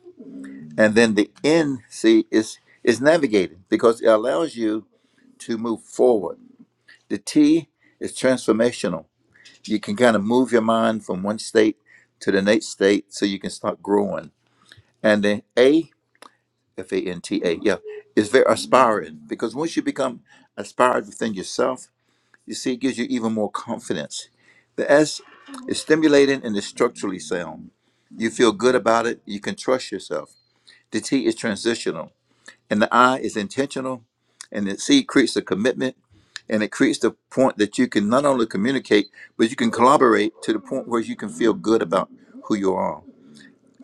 And then the N, see, is is navigating because it allows you to move forward. The T is transformational. You can kind of move your mind from one state to the next state so you can start growing. And then A, F A N T A, yeah, is very aspiring because once you become aspired within yourself, you see, it gives you even more confidence. The S is stimulating and is structurally sound. You feel good about it, you can trust yourself. The T is transitional and the I is intentional, and the C creates a commitment, and it creates the point that you can not only communicate, but you can collaborate to the point where you can feel good about who you are.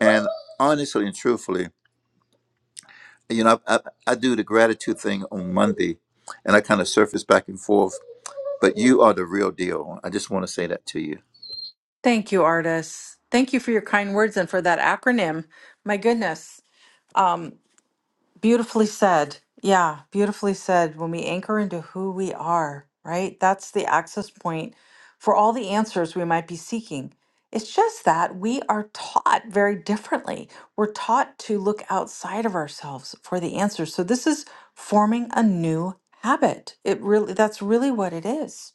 And honestly and truthfully, you know, I, I, I do the gratitude thing on Monday, and I kind of surface back and forth. But you are the real deal. I just want to say that to you.
Thank you, artists. Thank you for your kind words and for that acronym. My goodness. um, Beautifully said. Yeah, beautifully said. When we anchor into who we are, right? That's the access point for all the answers we might be seeking. It's just that we are taught very differently. We're taught to look outside of ourselves for the answers. So this is forming a new habit. It really that's really what it is.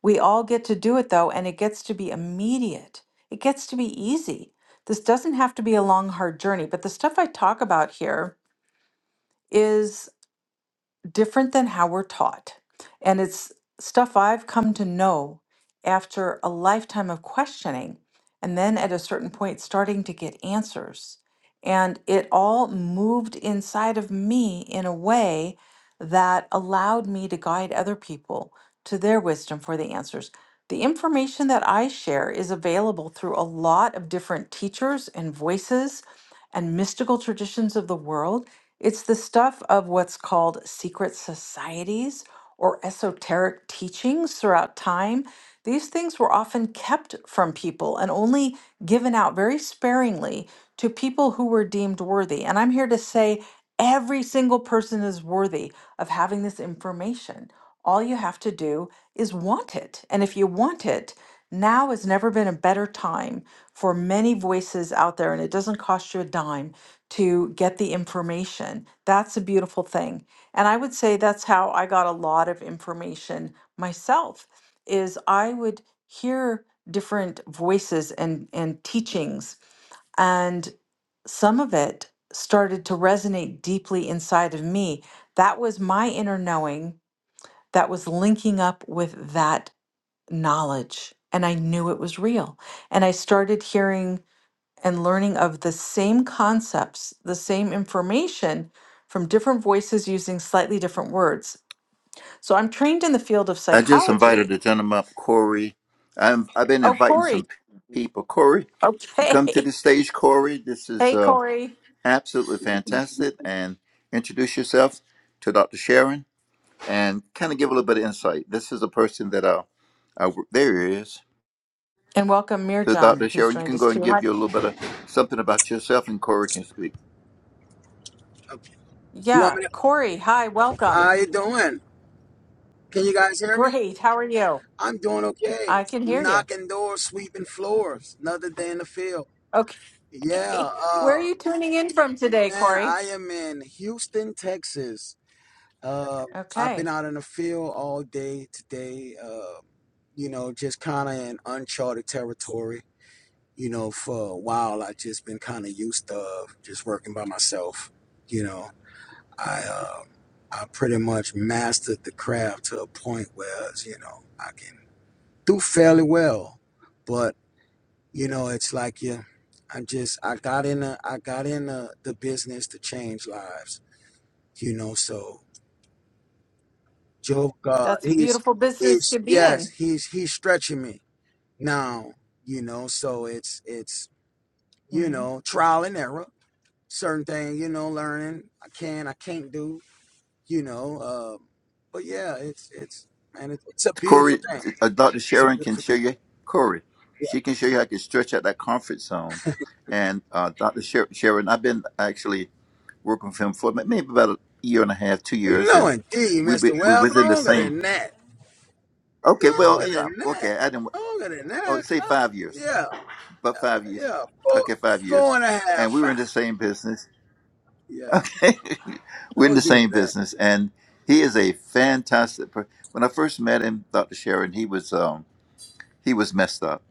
We all get to do it though, and it gets to be immediate. It gets to be easy. This doesn't have to be a long, hard journey, but the stuff I talk about here is different than how we're taught. And it's stuff I've come to know after a lifetime of questioning, and then at a certain point, starting to get answers. And it all moved inside of me in a way that allowed me to guide other people to their wisdom for the answers. The information that I share is available through a lot of different teachers and voices and mystical traditions of the world. It's the stuff of what's called secret societies or esoteric teachings throughout time. These things were often kept from people and only given out very sparingly to people who were deemed worthy. And I'm here to say every single person is worthy of having this information. All you have to do is want it. And if you want it, now has never been a better time for many voices out there, and it doesn't cost you a dime to get the information. That's a beautiful thing. And I would say that's how I got a lot of information myself is I would hear different voices and, and teachings, and some of it started to resonate deeply inside of me. That was my inner knowing that was linking up with that knowledge. And I knew it was real. And I started hearing and learning of the same concepts, the same information from different voices using slightly different words. So I'm trained in the field of
I just invited
psychology.
a gentleman up, Corey. I'm, I've been
Oh,
inviting
Corey.
some people. Corey, you come to
Okay.
the
[LAUGHS]
stage, Corey. This is
Hey,
uh,
Corey.
Absolutely fantastic. And introduce yourself to Dr. Sharon and kind of give a little bit of insight. This is a person that uh, uh there he is.
And welcome,
So Dr.
Mirjam, who's
Sharon, you
joined
can
us
go and
too.
give
Hi.
you a little bit of something about yourself and Corey can speak.
Okay. You want
Yeah,
me to?
Corey. Hi, welcome.
How you doing? Can you guys hear me?
Great. How are you?
I'm doing okay.
I can hear you.
Knocking doors, sweeping floors. Another day in the field. Yeah.
Okay. [LAUGHS]
Uh,
Where are you tuning in from today,
man,
Corey?
I am in Houston, Texas. Uh, I've
Okay.
been out in the field all day today. Uh, you know, just kind of in uncharted territory. You know, for a while, I've just been kind of used to uh, just working by myself. You know. I uh, I pretty much mastered the craft to a point where you know I can do fairly well, but you know it's like you, I just I got in a, I got in a, the business to change lives, you know. So Joe God,
That's a
he's
beautiful business
he's
to be
yes
in.
he's he's stretching me now, you know. So it's it's you
hmm
know trial and error, certain thing you know learning I can I can't do you know. Um, but yeah, it's it's man, it's, it's a beautiful
Corey,
thing.
uh, Dr.
It's a
Sharon can
beautiful
show
thing.
you, Corey,
Yeah.
she can show you how to stretch out that comfort zone. And uh, Dr. Sher- Sharon, I've been actually working with him for ma- maybe about a year and a half, two years,
No,
and
indeed,
we be,
Mister
we're
Webb,
within the
longer
same.
than that, No
Okay, well, you
longer than
know,
that,
okay, I didn't.
No longer than
oh,
that.
say
Lo-
five years,
Yeah,
but five years.
yeah, four,
Okay, five
four
years.
and a half,
And we were in the
five.
same business.
Yeah,
[LAUGHS] we're in
don't
the
do
same
that.
business, and he is a fantastic. Per- when I first met him, Dr. Sharon, he was um, he was messed up,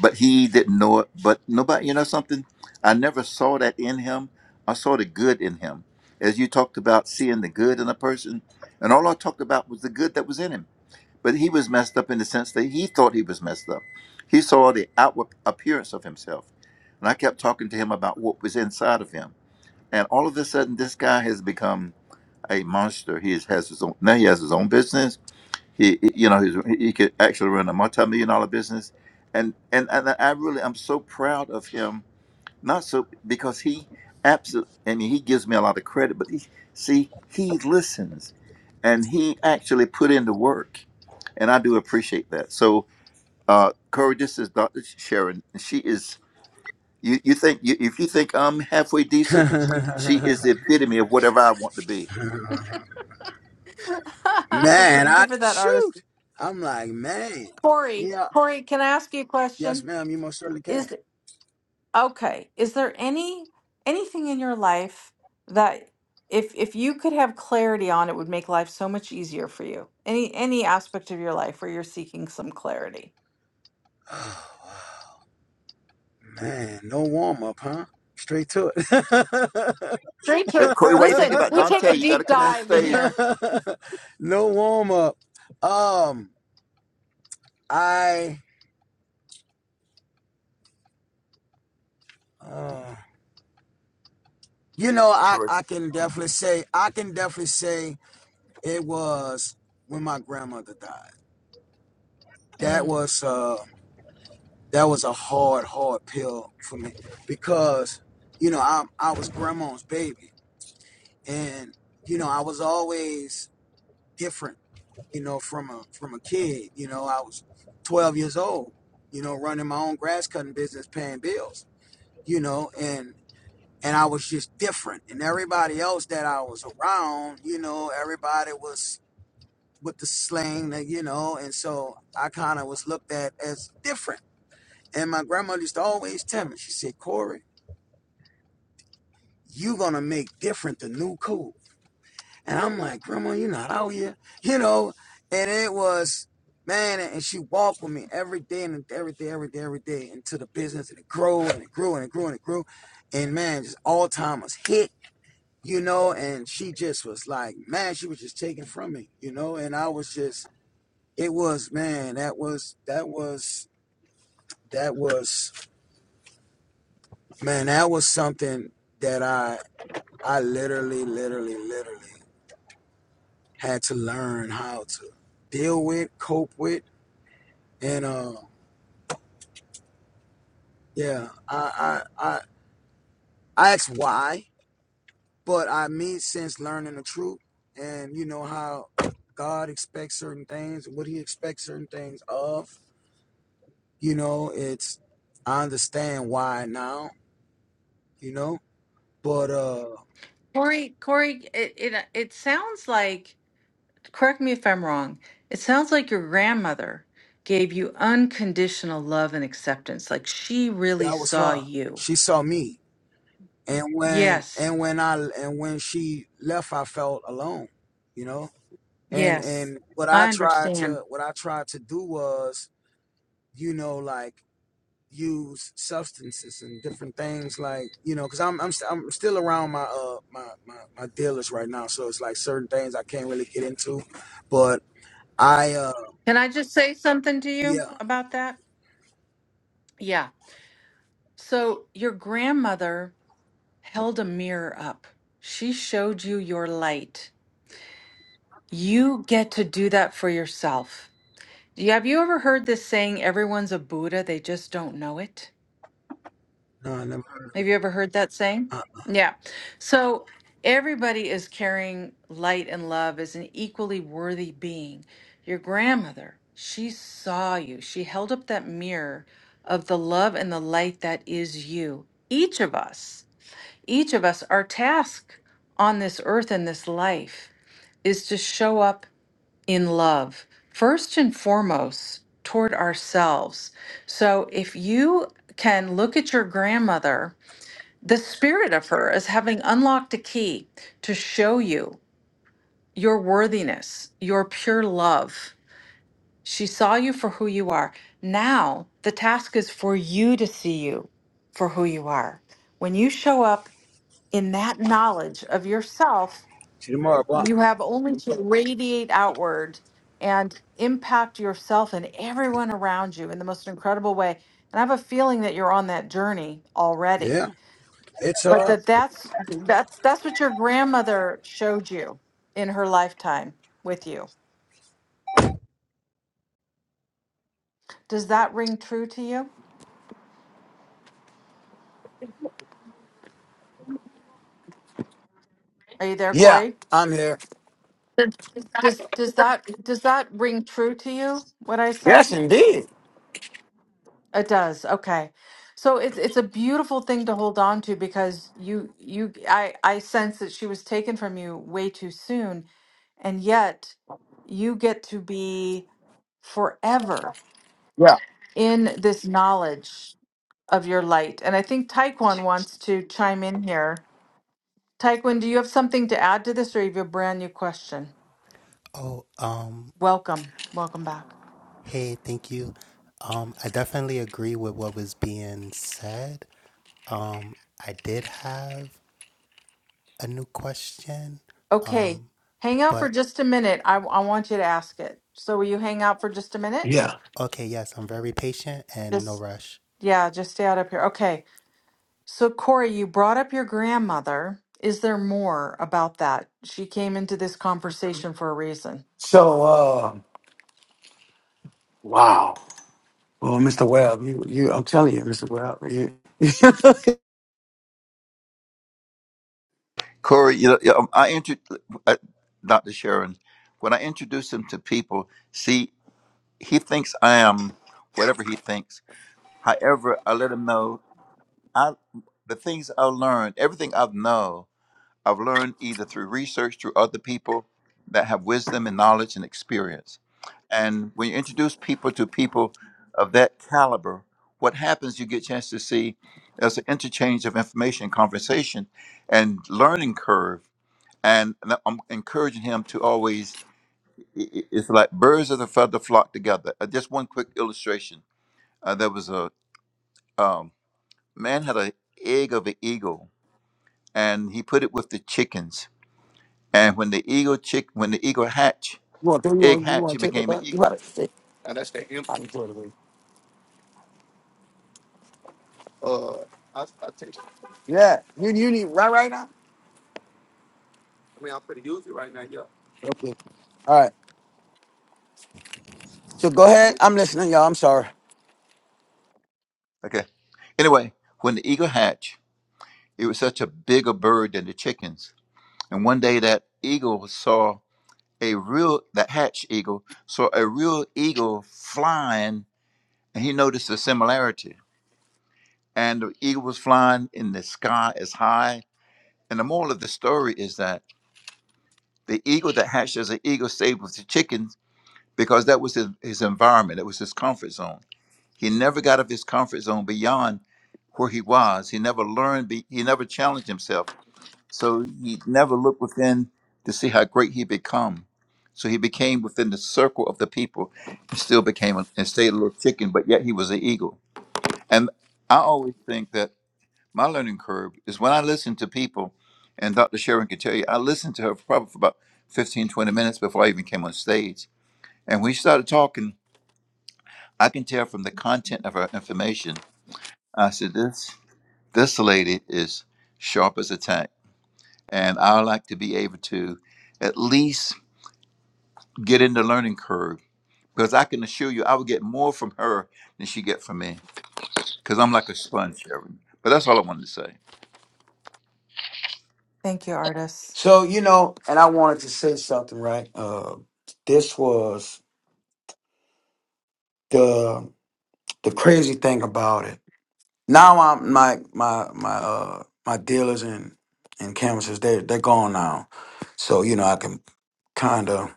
but he didn't know it. But nobody, you know, something I never saw that in him. I saw the good in him, as you talked about seeing the good in a person, and all I talked about was the good that was in him But he was messed up in the sense that he thought he was messed up. He saw the outward appearance of himself. And I kept talking to him about what was inside of him. And all of a sudden, this guy has become a monster. He is- has his own, now he has his own business. He, he- you know, he's, he could actually run a multi-million dollar business. And, and, and I really, I'm so proud of him. Not so, because he absolutely, I mean, he gives me a lot of credit, but he, see, he listens and he actually put in the work and I do appreciate that. So, uh, Corey, this is Dr. Sharon. She is you. You think you, if you think I'm halfway decent, she is
[LAUGHS]
the epitome of whatever I want to be.
[LAUGHS]
man,
Thank
I
you for that, artist.
shoot. I'm like, man,
Corey,
yeah,
Corey, can I ask you a
yes,
question?
ma'am, you most certainly can.
Is okay, is there any anything in your life that if if you could have clarity on it would make life so much easier for you? Any any aspect of your life where you're seeking some clarity?
[SIGHS] man, no warm up, huh? Straight to it. [LAUGHS]
Straight to
Uh,
it.
Corey, what do you think
Listen,
about
we take
Dante?
a
You got to
deep
come on
dive in
stage.
here.
[LAUGHS] no warm up. Um, I, uh, you know, I
Corey,
I can definitely say I can definitely say it was when my grandmother died. That
Mm.
was uh that was a hard hard pill for me because you know I I was grandma's baby and you know I was always different you know, from a from a kid. You know, I was 12 years old, you know, running my own grass cutting business, paying bills. you know, and and I was just different. And everybody else that I was around, you know, everybody was with the slang, that, you know, and so I kind of was looked at as different. And my grandmother used to always tell me, she said, Corey, you gonna make different the new cool. And I'm like, Grandma, you're not out here, you know. And it was, man, and she walked with me every day and every day, every day, every day into the business, and it grew and it grew and it grew and it grew. And man, just all timers hit you know, and she just was like, man, she was just taken from me, you know, and I was just, it was, man, that was, that was, that was, man, that was something that I, I literally, literally, literally had to learn how to deal with, cope with, and uh, yeah, I, I, I, I asked why, but I mean, since learning the truth and you know how God expects certain things, what He expects certain things of You know, it's I understand why now, you know, but uh
Corey, Corey, it, it uh, it sounds like, correct me if I'm wrong, it sounds like your grandmother gave you unconditional love and acceptance. Like she really
that was
saw
her.
you.
She saw me. And when
Yes,
and when I and when she left I felt alone, you know? And
yes,
and what
I
I tried
understand.
to what I tried to do was, you know, like use substances and different things like you know because I'm, I'm st- i'm still around my uh my, my my dealers right now so it's like certain things i can't really get into but i uh
Can I just say something to you
yeah
about that? Yeah. So your grandmother held a mirror up. She showed you your light. You get to do that for yourself. Yeah, have you ever heard this saying, everyone's a Buddha, they just don't know it?
no i never heard of
Have you ever heard that saying?
it.
Yeah. So everybody is carrying light and love as an equally worthy being. Your grandmother, she saw you, she held up that mirror of the love and the light that is you. Each of us, each of us, our task on this earth and this life is to show up in love, first and foremost toward ourselves. So if you can look at your grandmother, the spirit of her is having unlocked a key to show you your worthiness, your pure love. She saw you for who you are. Now the task is for you to see you for who you are. When you show up in that knowledge of yourself,
See you tomorrow, Blunt.
you have only to radiate outward and impact yourself and everyone around you in the most incredible way. And I have a feeling that you're on that journey already.
Yeah, it's
But
uh,
that that's that's that's what your grandmother showed you in her lifetime with you. Does that ring true to you? Are you there,
Yeah,
Corey?
I'm here.
Does does that does that ring true to you what I said? It does. Okay. So it's it's a beautiful thing to hold on to because you you I I sense that she was taken from you way too soon and yet you get to be forever
Yeah,
in this knowledge of your light. And I think Taekwon wants to chime in here. Taekwon, do you have something to add to this or you have a brand new question?
Oh, um,
Welcome. Welcome back.
hey, thank you. Um, I definitely agree with what was being said. Um, I did have a new question.
Okay.
Um,
Hang out for
but
just a minute. I I want you to ask it. So will you hang out for just a minute?
yeah.
okay, yes, I'm very patient and
Just
no rush.
Yeah, just stay out up here. Okay. So, Corey, you brought up your grandmother. Is there more about that? She came into this conversation for a reason.
So, uh, wow. Well, Mr. Webb, you, you, I'm telling you, Mr. Webb, you, [LAUGHS] you
Corey, you know, yeah, um, I intro, uh, Dr. Sharon. When I introduce him to people, see, he thinks I am whatever he thinks. However, I let him know I the things I learned, everything I've known. I've learned either through research, through other people that have wisdom and knowledge and experience. And when you introduce people to people of that caliber, what happens, you get a chance to see there's an interchange of information, conversation, and learning curve. And I'm encouraging him to always, i- i- it's like birds of a feather flock together. Uh, Just one quick illustration. Uh, there was a um, man had an egg of an eagle, and he put it with the chickens And when the eagle chick, when the eagle hatch,
want, to, you
egg
want, you
hatch,
want
it
to take that
became
back?
an
You
eagle.
about to, yeah. You, you need right, right now. I mean, I'm pretty use it right now. Yeah. Okay. All right. So go ahead. I'm listening, y'all. I'm sorry.
Okay. Anyway, when the eagle hatched, it was such a bigger bird than the chickens. And one day that eagle saw a real, that hatched eagle saw a real eagle flying, and he noticed a similarity. And the eagle was flying in the sky as high. And the moral of the story is that the eagle that hatched as an eagle stayed with the chickens because that was his, his environment, it was his comfort zone He never got out of his comfort zone beyond where he was. He never learned, be- he never challenged himself. So he never looked within to see how great he become. So he became within the circle of the people and still became a, and stayed a little chicken, but yet he was an eagle. And I always think that my learning curve is when I listen to people, and Dr. Sharon can tell you, I listened to her probably for about 15, 20 minutes before I even came on stage. And we started talking, I can tell from the content of her information I said, this this lady is sharp as a tack, and I would like to be able to at least get in the learning curve because I can assure you I would get more from her than she get from me because I'm like a sponge, Sharon. But that's all I wanted to say.
Thank you, artists.
So you know, and I wanted to say something, right? Uh, this was the the crazy thing about it. Now I'm my my my uh my dealers and and canvassers they they're gone now, so you know I can kind of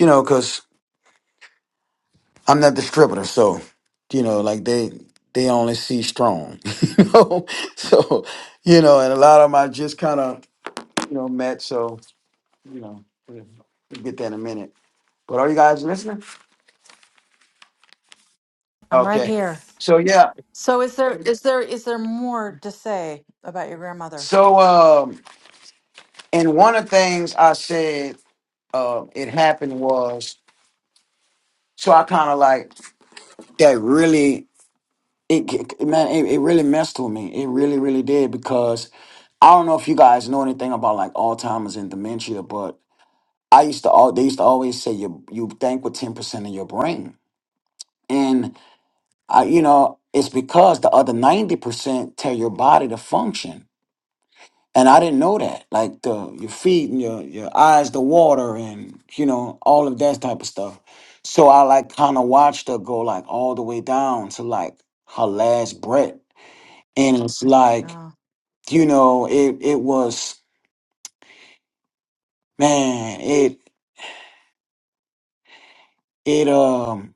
you know because I'm not distributor, so you know like they they only see strong, [LAUGHS] you know, so you know and a lot of them I just kind of you know met, so you know we'll we'll get that in a minute. But are you guys listening?
I'm right
Okay,
here.
Yes.
so yeah,
So, is there is there is there more to say about your grandmother?
so um and one of the things I said uh it happened was so I kind of like. that really it, it- man it, it really messed with me it really really did because i don't know if you guys know anything about like alzheimer's and dementia but i used to all they used to always say you you think with 10% of your brain and i you know it's because the other 90% tell your body to function and i didn't know that like the your feet and your your eyes the water and you know all of that type of stuff so i like kind of watched her go like all the way down to like her last breath and it's like
No.
you know it it was man it it um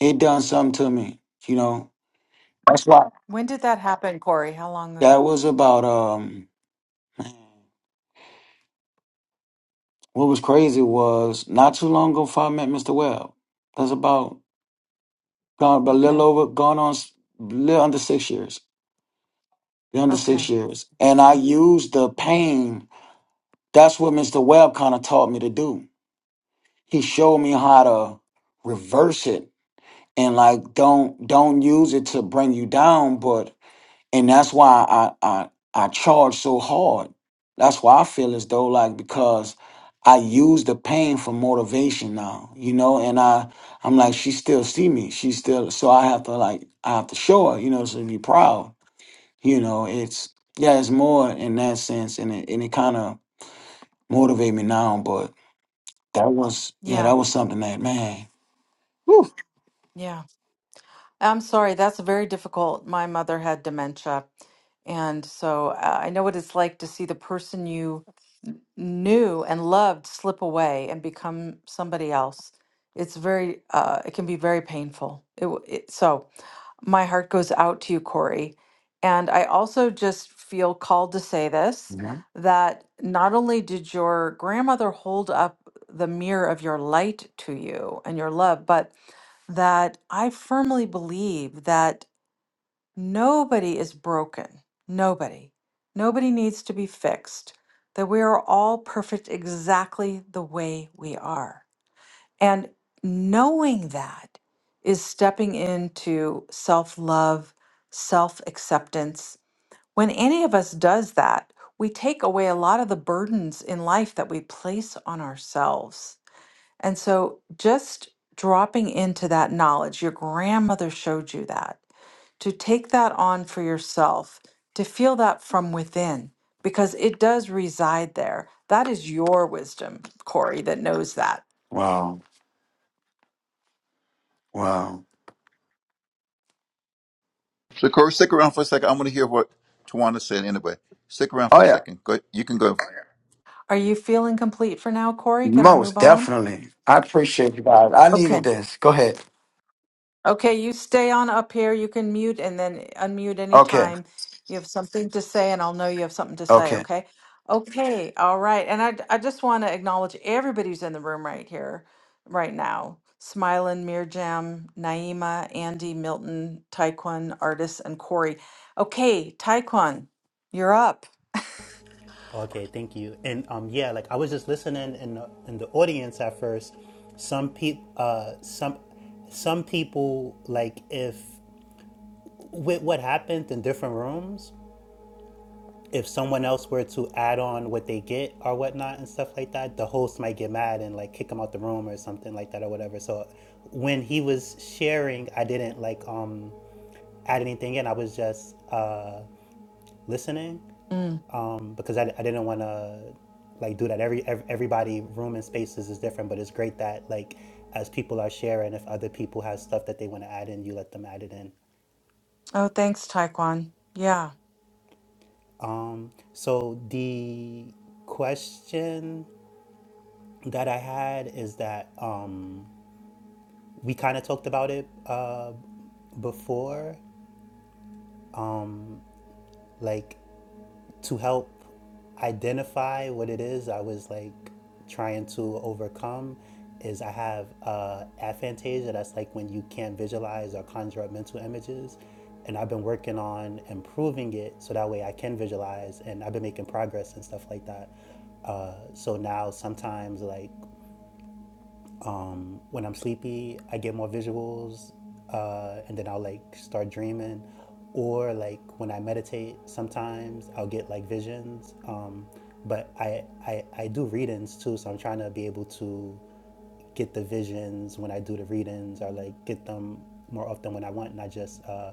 it done something to me you know that's why
When did that happen, Corey? How long
that
ago?
was about um what was crazy was not too long ago before i met mr webb that's about gone but a little
Okay.
over gone on s- little under six years little under six
Okay.
years and i
Okay.
used the
Mm.
pain that's what mr webb kind of taught me to do he showed me how to reverse it and like don't don't use it to bring you down but and that's why i i i charge so hard that's why i feel as though like because i use the pain for motivation now you know and i i'm like she still see me she still so i have to like i have to show her you know so be proud you know it's yeah it's more in that sense and it, and it kind of motivate me now
Yeah. Yeah. I'm sorry, that's very difficult. My mother had dementia. And so uh, I know what it's like to see the person you n- knew and loved slip away and become somebody else. It's very, uh, it can be very painful. It, w- it, so. My heart goes out to you, Corey. And I also just feel called to say this that not only did your grandmother hold up the mirror of your light to you and your love, but that I firmly believe that nobody is broken. Nobody. Nobody needs to be fixed. That we are all perfect exactly the way we are and knowing that is stepping into self love, self acceptance. When any of us does that, we take away a lot of the burdens in life that we place on ourselves. And so just dropping into that knowledge, your grandmother showed you that, to take that on for yourself, to feel that from within, because it does reside there. That is your wisdom, Corey, that knows that.
So, Corey, stick around for a second. I want to hear what Tawana said anyway. Stick around for
oh
a
yeah
second. Go, you can go.
Are you feeling complete for now, Corey? Can I
most
move on?
definitely i appreciate you guys i
Okay.
needed this go ahead
Okay, you stay on up here. You can mute and then unmute
okay
anytime you have something to say, and I'll know you have something to say,
Okay.
okay? Okay, all right. And I, I just want to acknowledge everybody who's in the room right here, right now. Smilin, Mirjam, Naima, Andy, Milton, Taekwon, Artis, and Corey. Okay, Taekwon, you're up.
Okay, thank you. And um, yeah, like I was just listening in the, in the audience at first. Some people, uh, some some people like if with what happened in different rooms. if someone else were to add on what they get or whatnot and stuff like that, the host might get mad and like kick him out the room or something like that or whatever. So when he was sharing, I didn't like um add anything in. I was just uh listening
Mm.
um because I, I didn't want to like do that. Every, every everybody room and spaces is different, but it's great that like as people are sharing, if other people have stuff that they want to add in, you let them add it in.
Oh, thanks, Taekwon. Yeah.
Um, so the question that I had is that um, we kind of talked about it uh, before, like to help identify what it is I was like trying to overcome. Is I have uh, aphantasia, that's like when you can't visualize or conjure up mental images. And I've been working on improving it so that way I can visualize, and I've been making progress and stuff like that. Uh, so now sometimes, like, Um, when I'm sleepy, I get more visuals, uh, and then I'll like start dreaming. Or like when I meditate, sometimes I'll get like visions. Um, but I, I I do readings too, so I'm trying to be able to get the visions when I do the readings, or like get them more often when I want, not just uh,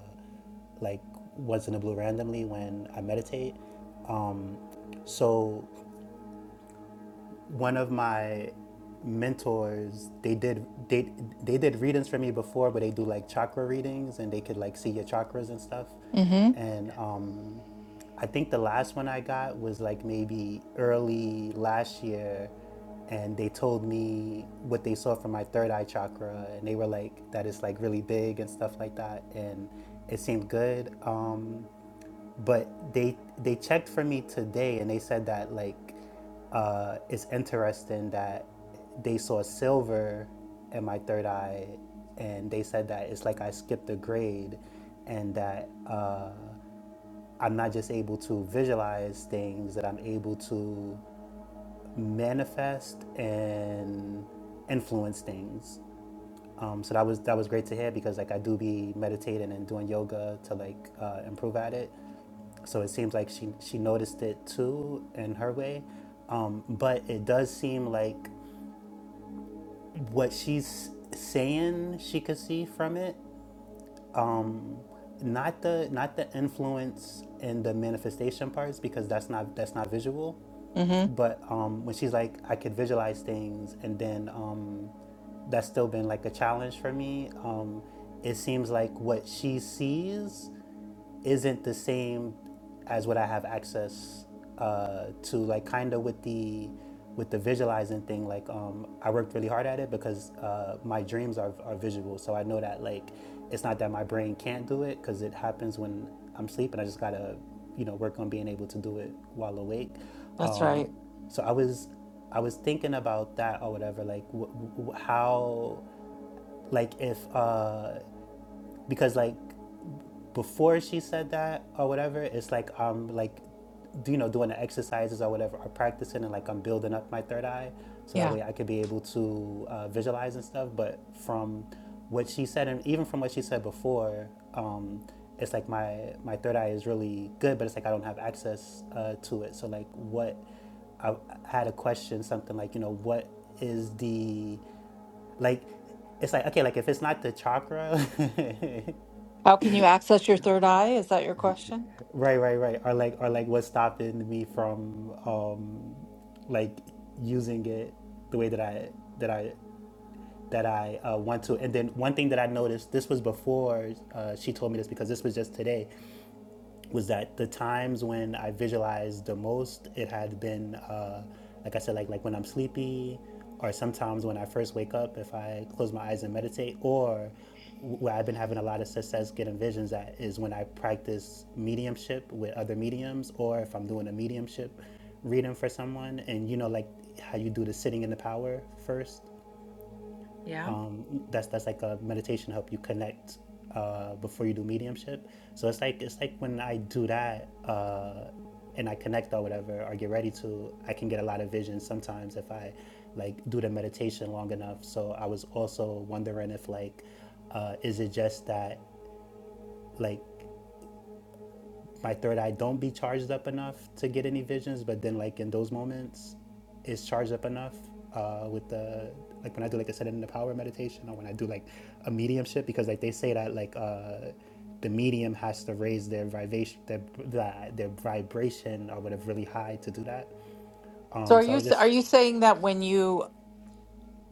like once in a blue randomly when I meditate. Um, so one of my mentors they did they they did readings for me before but they do like chakra readings and they could like see your chakras and stuff
Mm-hmm.
and um i think the last one i got was like maybe early last year and they told me what they saw from my third eye chakra and they were like that it's like really big and stuff like that and it seemed good um but they they checked for me today and they said that like uh it's interesting that they saw silver in my third eye and they said that it's like I skipped a grade and that uh I'm not just able to visualize things that I'm able to manifest and influence things um, so that was that was great to hear because like I do be meditating and doing yoga to like uh, improve at it so it seems like she she noticed it too in her way, um, but it does seem like what she's saying she could see from it. Um, not the not the influence and the manifestation parts because that's not that's not visual.
Mm-hmm.
But um, when she's like, I could visualize things, and then um, that's still been like a challenge for me. Um, it seems like what she sees isn't the same as what I have access uh, to. Like kind of with the with the visualizing thing, like um, I worked really hard at it because uh, my dreams are, are visual. So I know that like it's not that my brain can't do it because it happens when I'm sleeping. I just gotta you know work on being able to do it while awake.
That's
Um,
right.
so I was I was thinking about that or whatever, like w- w- how like if uh, because like before she said that or whatever, it's like I'm like, you know, doing the exercises or whatever, or practicing, and like I'm building up my third eye, so
Yeah.
that way I could be able to uh, visualize and stuff. But from what she said, and even from what she said before, um, it's like my my third eye is really good, but it's like I don't have access uh, to it. So like, what I had a question, something like, you know, what is the like? It's like okay, like if it's not the chakra. [LAUGHS]
How can you access your third eye? Is that your question?
Right, right, right. Or like, or like, what's stopping me from, um, like, using it the way that I that I that I uh, want to? And then one thing that I noticed, this was before uh, she told me this because this was just today was that the times when I visualized the most, it had been, uh, like I said, like like when I'm sleepy, or sometimes when I first wake up, if I close my eyes and meditate, or where I've been having a lot of success getting visions at is when I practice mediumship with other mediums, or if I'm doing a mediumship reading for someone, and you know, like how you do the sitting in the power first,
Yeah.
that's that's like a meditation help you connect uh, before you do mediumship. So it's like it's like when I do that uh, and I connect or whatever or get ready to, I can get a lot of visions sometimes if I like do the meditation long enough. So I was also wondering if like uh, is it just that like my third eye don't be charged up enough to get any visions, but then like in those moments, it's charged up enough uh, with the like when I do like a set in the power meditation or when I do like a mediumship because like they say that like uh, the medium has to raise their vibration their, their their vibration or whatever really high to do that.
So
Um,
are
so I
you
was
are
just
you saying that when you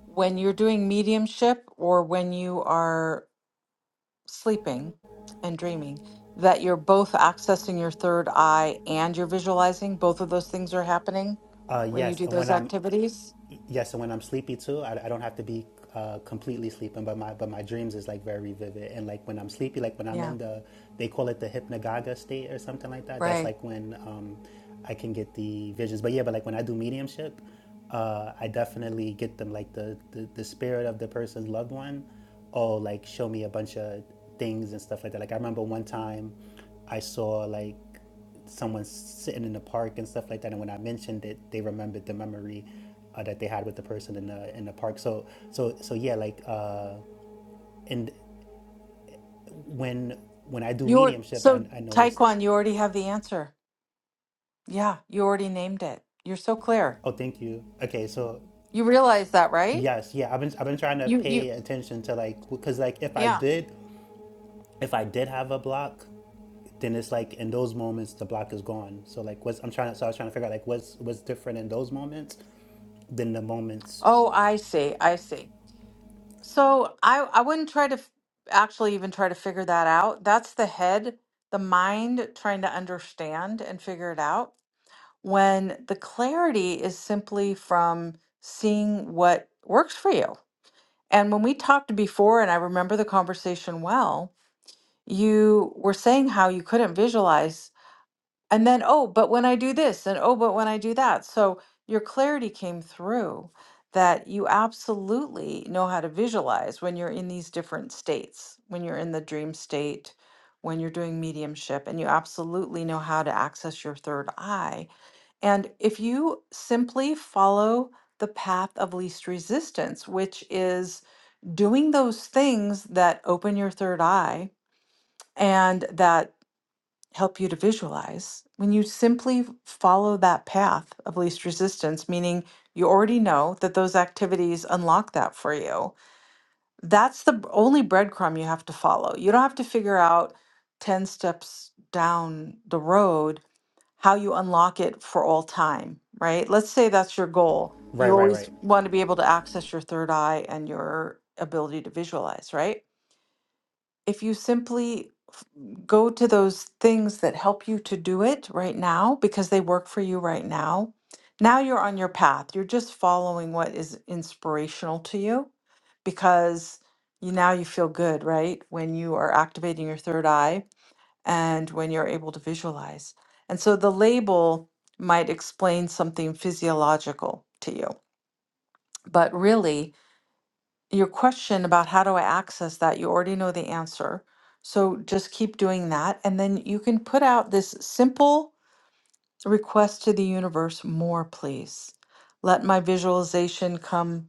when you're doing mediumship or when you are sleeping and dreaming that you're both accessing your third eye and you're visualizing both of those things are happening
Uh,
when you
yes,
do
and when
those
I'm
activities?
yes, and when I'm sleepy too, I, I don't have to be uh, completely sleeping, but my but my dreams is like very vivid. And like when I'm sleepy, like when I'm
Yeah,
in the they call it the hypnagogia state or something like that. That's
right.
like when um, I can get the visions. But yeah, but like when I do mediumship, uh, I definitely get them. Like the, the the spirit of the person's loved one, oh, like show me a bunch of things and stuff like that. Like I remember one time, I saw like someone sitting in the park and stuff like that. And when I mentioned it, they remembered the memory uh, that they had with the person in the in the park. So so so yeah, like uh, and when when I do
You're
mediumship, I,
so
I noticed.
Taekwon, you already have the answer. Yeah, you already named it. You're so clear.
Oh, thank you. Okay, so
You realize that, right?
yes, yeah, I've been I've been trying to
You you
pay attention to like because like if I
yeah.
did if I did have a block. Then it's like in those moments the block is gone. So like what's I'm trying to so I was trying to figure out like what's what's different in those moments than the moments.
Oh, I see. I see. So I I wouldn't try to f- actually even try to figure that out. That's the head, the mind trying to understand and figure it out. When the clarity is simply from seeing what works for you. And when we talked before, and I remember the conversation well, you were saying how you couldn't visualize and then oh but when i do this and oh but when i do that so your clarity came through that you absolutely know how to visualize when you're in these different states when you're in the dream state when you're doing mediumship and you absolutely know how to access your third eye and if you simply follow the path of least resistance which is doing those things that open your third eye and that help you to visualize when you simply follow that path of least resistance, meaning you already know that those activities unlock that for you. That's the b- only breadcrumb you have to follow. You don't have to figure out 10 steps down the road how you unlock it for all time, right? Let's say that's your goal.
Right,
You
right,
always
right.
want to be able to access your third eye and your ability to visualize, right? if you simply f- go to those things that help you to do it right now because they work for you right now, now you're on your path. You're just following what is inspirational to you because you now you feel good, right? When you are activating your third eye and when you're able to visualize. And so the label might explain something physiological to you, but really your question about how do I access that, you already know the answer. So just keep doing that. And then you can put out this simple request to the universe more, please. Let my visualization come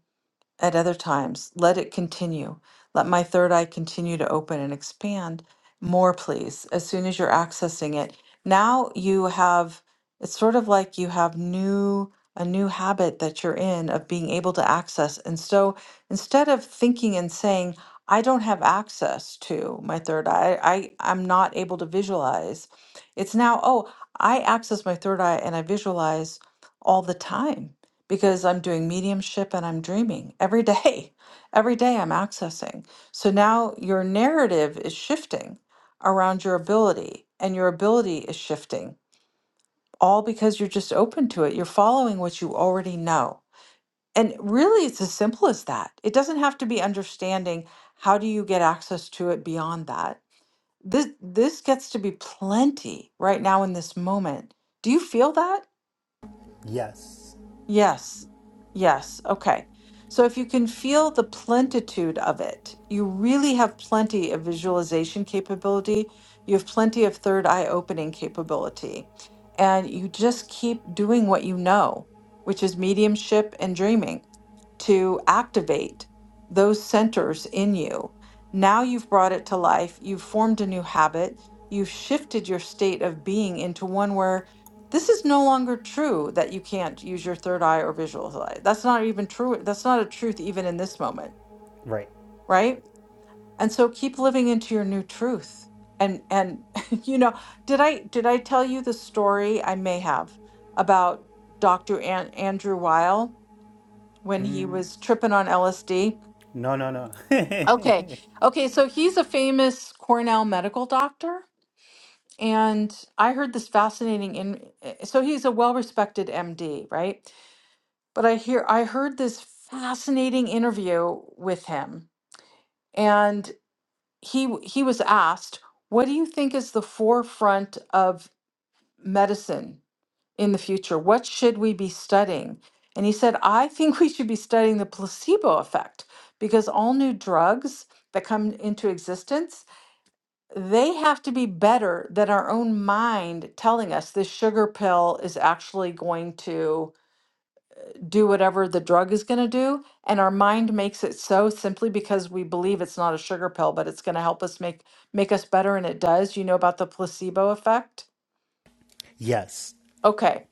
at other times. Let it continue. Let my third eye continue to open and expand more, please, as soon as you're accessing it. Now you have, it's sort of like you have new. A new habit that you're in of being able to access. And so instead of thinking and saying, I don't have access to my third eye, I, I'm not able to visualize, it's now, oh, I access my third eye and I visualize all the time because I'm doing mediumship and I'm dreaming every day. [LAUGHS] Every day I'm accessing. So now your narrative is shifting around your ability, and your ability is shifting, all because you're just open to it. You're following what you already know. And really, it's as simple as that. It doesn't have to be understanding how do you get access to it beyond that. This, this gets to be plenty right now in this moment. Do you feel that?
Yes.
Yes. Yes. Okay. So if you can feel the plentitude of it, you really have plenty of visualization capability. You have plenty of third eye opening capability. And you just keep doing what you know, which is mediumship and dreaming to activate those centers in you. Now you've brought it to life. You've formed a new habit. You've shifted your state of being into one where this is no longer true that you can't use your third eye or visual eye. That's not even true. That's not a truth even in this moment,
Right.
right? And so keep living into your new truth. And and [LAUGHS] you know, did I did I tell you the story I may have about Dr. An- Andrew Weil when he was tripping on LSD?
No, no, no.
Okay.
[LAUGHS]
Okay, so he's a famous Cornell medical doctor and I heard this fascinating in eh, so he's a well-respected MD, right? but I hear I heard this fascinating interview with him, and he w- he was asked, "What do you think is the forefront of medicine in the future? What should we be studying?" And he said, "I think we should be studying the placebo effect because all new drugs that come into existence." They have to be better than our own mind telling us this sugar pill is actually going to do whatever the drug is going to do. And our mind makes it so simply because we believe it's not a sugar pill, but it's going to help us make make us better. And it does. You know about the placebo effect?
yes,
Okay.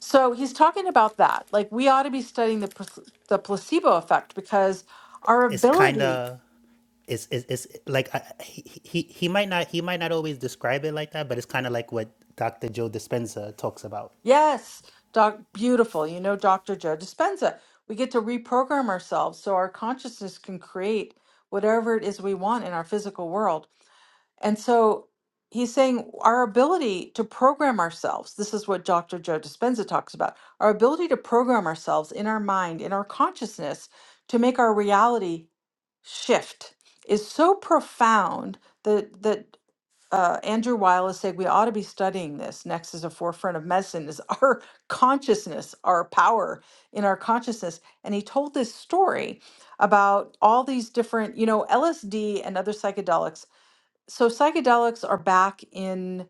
So he's talking about that. Like we ought to be studying the plac- the placebo effect because our
it's kind
ability,
of. It's, it's, it's like I, he, he he might not he might not always describe it like that, but it's kind of like what Dr. Joe Dispenza talks about.
yes, doc, beautiful. You know, Dr. Joe Dispenza. We get to reprogram ourselves so our consciousness can create whatever it is we want in our physical world And so he's saying our ability to program ourselves, this is what Dr. Joe Dispenza talks about, our ability to program ourselves in our mind, in our consciousness, to make our reality shift is so profound that that uh, Andrew Weil is saying we ought to be studying this next is a forefront of medicine is our [LAUGHS] consciousness, our power in our consciousness. And he told this story about all these different, you know, LSD and other psychedelics so psychedelics are back in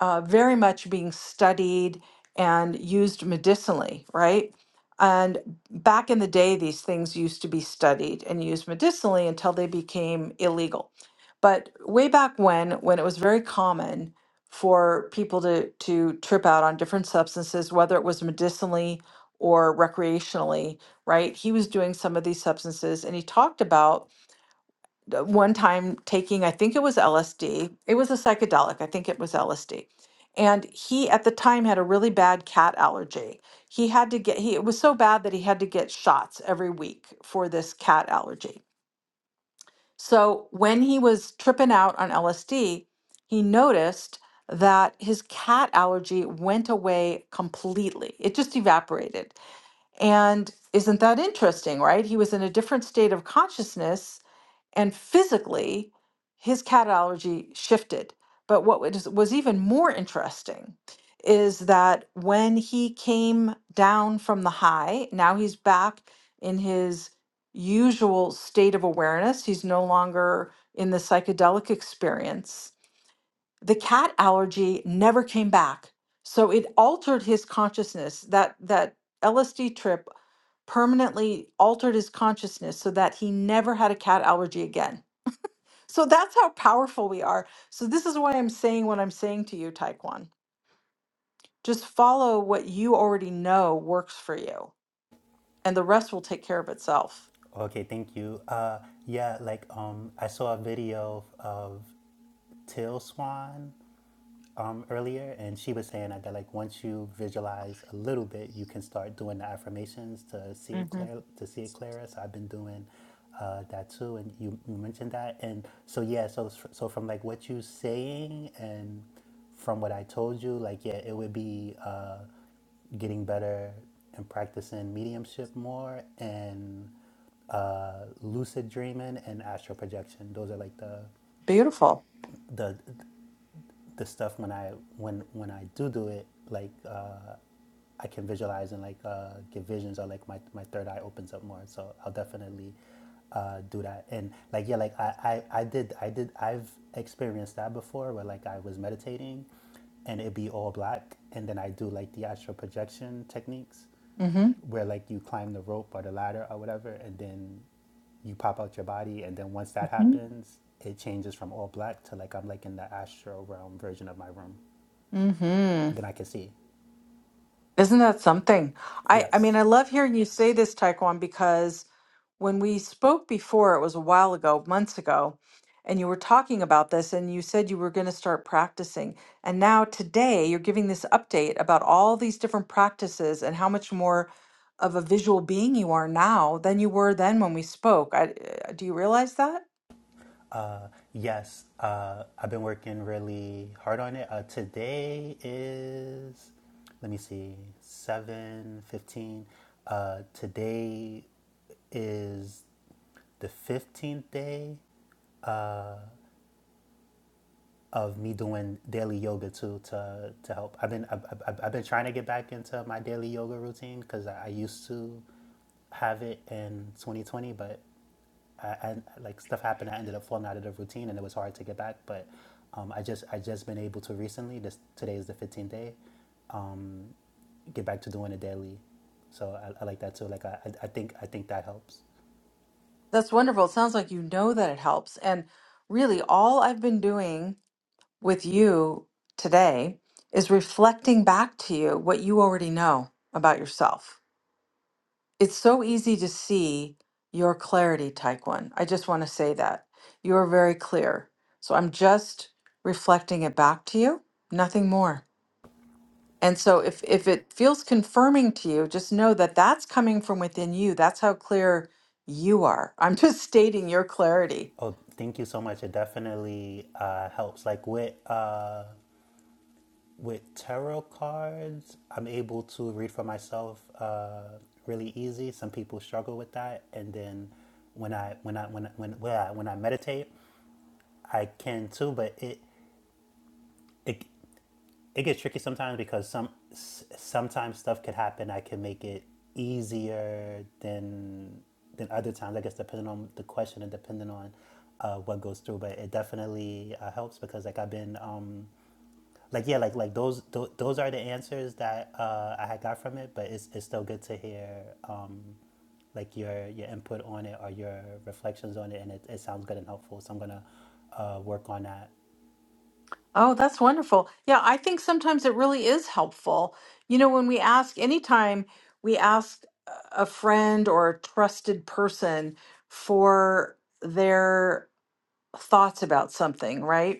uh, very much being studied and used medicinally, right? And back in the day, these things used to be studied and used medicinally until they became illegal. But way back when, when it was very common for people to, to trip out on different substances, whether it was medicinally or recreationally, right? He was doing some of these substances and he talked about d- one time taking, I think it was LSD. It was a psychedelic. I think it was LSD. And he at the time had a really bad cat allergy. He had to get he it was so bad that he had to get shots every week for this cat allergy. So when he was tripping out on LSD, he noticed that his cat allergy went away completely. It just evaporated. And isn't that interesting, right? He was in a different state of consciousness and physically his cat allergy shifted but what was, was even more interesting is that when he came down from the high now he's back in his usual state of awareness he's no longer in the psychedelic experience the cat allergy never came back so it altered his consciousness that that LSD trip permanently altered his consciousness so that he never had a cat allergy again so that's how powerful we are. So this is why I'm saying what I'm saying to you, Taekwon. Just follow what you already know works for you, and the rest will take care of itself.
Okay, thank you. Uh, yeah, like um, I saw a video of Till Swan um, earlier, and she was saying that, like once you visualize a little bit, you can start doing the affirmations to see it clear to see it clearer. So I've been doing uh, that too, and you, you mentioned that, and so yeah, so so so from like what you saying and from what I told you, like yeah, it would be uh, getting better and practicing mediumship more and uh, lucid dreaming and astral projection. Those are like the
Beautiful.
the the stuff when I when when I do do it, like uh, I can visualize and like uh, get visions or like my, my third eye opens up more. So I'll definitely uh, do that. And like yeah, like I, I I did I did I've experienced that before where like I was meditating, and it'd be all black, and then I do like the astral projection techniques
Mm-hmm.
where like you climb the rope or the ladder or whatever, and then you pop out your body, and then once that happens, it changes from all black to like I'm like in the astral realm version of my room,
Mm-hmm.
and then I can see.
Isn't that something? I I mean,
Yes,
I love hearing you say this, Taekwon, because when we spoke before, it was a while ago, months ago, and you were talking about this and you said you were going to start practicing. And now today you're giving this update about all these different practices and how much more of a visual being you are now than you were then when we spoke. I, uh, do you realize that?
uh, yes, uh, I've been working really hard on it. Uh, today is let me see, seven fifteen. Uh, today is the fifteenth day of me doing daily yoga too to to help. I've been I've, I've- I've been trying to get back into my daily yoga routine because I, I used to have it in 2020, but I, I like stuff happened. I ended up falling out of the routine, and it was hard to get back. But um, I just I just been able to recently. This today is the 15th day. Um, get back to doing it daily. So I, I like that too. Like I, I think I think that helps.
That's wonderful. It sounds like you know that it helps. And really, all I've been doing with you today is reflecting back to you what you already know about yourself It's so easy to see your clarity, Taekwon. I just want to say that. You are very clear. So I'm just reflecting it back to you, nothing more. And so if, if it feels confirming to you, just know that that's coming from within you. That's how clear you are. I'm just [LAUGHS] stating your clarity.
Oh, thank you so much. It definitely uh, helps. Like with uh, With tarot cards, I'm able to read for myself uh, really easy. Some people struggle with that, and then when I when I when I- when when I, when I meditate, I can too. But it it it gets tricky sometimes because some sometimes stuff could happen. I can make it easier than than other times. I guess depending on the question and depending on uh, what goes through. But it definitely uh, helps because like I've been. Um, like yeah, like like those tho- those are the answers that uh, I had got from it. But it's it's still good to hear um, like your your input on it or your reflections on it, and it, it sounds good and helpful. So I'm gonna uh, work on that.
Oh, that's wonderful. Yeah, I think sometimes it really is helpful. You know, when we ask, anytime we ask a friend or a trusted person for their thoughts about something, right?